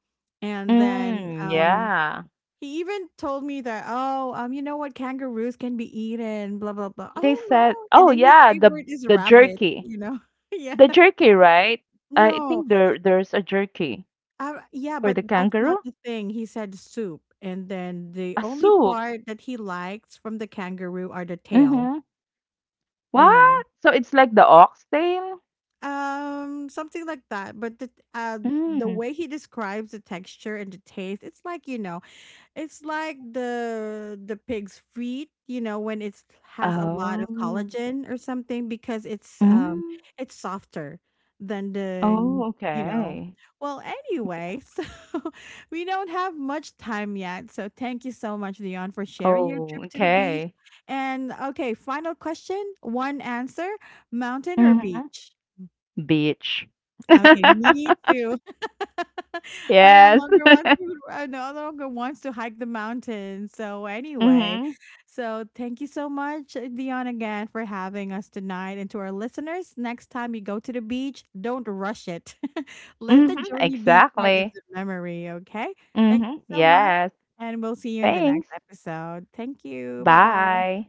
Speaker 1: And then,
Speaker 2: Mm, yeah.
Speaker 1: he even told me that, oh, you know what, kangaroos can be eaten, blah blah blah.
Speaker 2: They
Speaker 1: Oh
Speaker 2: said,
Speaker 1: no. And
Speaker 2: oh
Speaker 1: then his
Speaker 2: yeah, the
Speaker 1: favorite is
Speaker 2: the
Speaker 1: rabbit,
Speaker 2: jerky,
Speaker 1: you know. Yeah.
Speaker 2: the jerky, right? I
Speaker 1: No.
Speaker 2: think there's a jerky
Speaker 1: Yeah,
Speaker 2: for
Speaker 1: but
Speaker 2: the
Speaker 1: that's not
Speaker 2: kangaroo,
Speaker 1: the thing. He said soup. And then the
Speaker 2: a
Speaker 1: only
Speaker 2: soup.
Speaker 1: part that he likes from the kangaroo are the tail,
Speaker 2: Mm-hmm.
Speaker 1: you know.
Speaker 2: What? So it's like the oxtail.
Speaker 1: Something like that. But the
Speaker 2: Mm.
Speaker 1: way he describes the texture and the taste, it's like, you know, it's like the pig's feet, you know, when it's has a lot of
Speaker 2: Oh.
Speaker 1: collagen or something because
Speaker 2: Mm.
Speaker 1: it's softer than
Speaker 2: Oh,
Speaker 1: you know.
Speaker 2: okay.
Speaker 1: Well, anyway, so we don't have much time yet. So thank you so much, Leon, for sharing your
Speaker 2: Oh,
Speaker 1: trip to the beach.
Speaker 2: okay.
Speaker 1: And okay, final question, one answer, mountain or
Speaker 2: Mhm.
Speaker 1: beach?
Speaker 2: Beach.
Speaker 1: Okay, me too.
Speaker 2: Yes.
Speaker 1: I no longer wants to hike the mountain. So anyway,
Speaker 2: Mhm.
Speaker 1: so thank you so much, Dion, again for having us tonight. And to our listeners, next time you go to the beach, don't rush it. Let the
Speaker 2: Mhm.
Speaker 1: journey be part of
Speaker 2: Exactly.
Speaker 1: the memory, okay? Thank you
Speaker 2: Mhm.
Speaker 1: so much.
Speaker 2: Yes.
Speaker 1: And we'll see you in the next
Speaker 2: Thanks.
Speaker 1: episode. Thank you. Bye bye.
Speaker 2: Bye.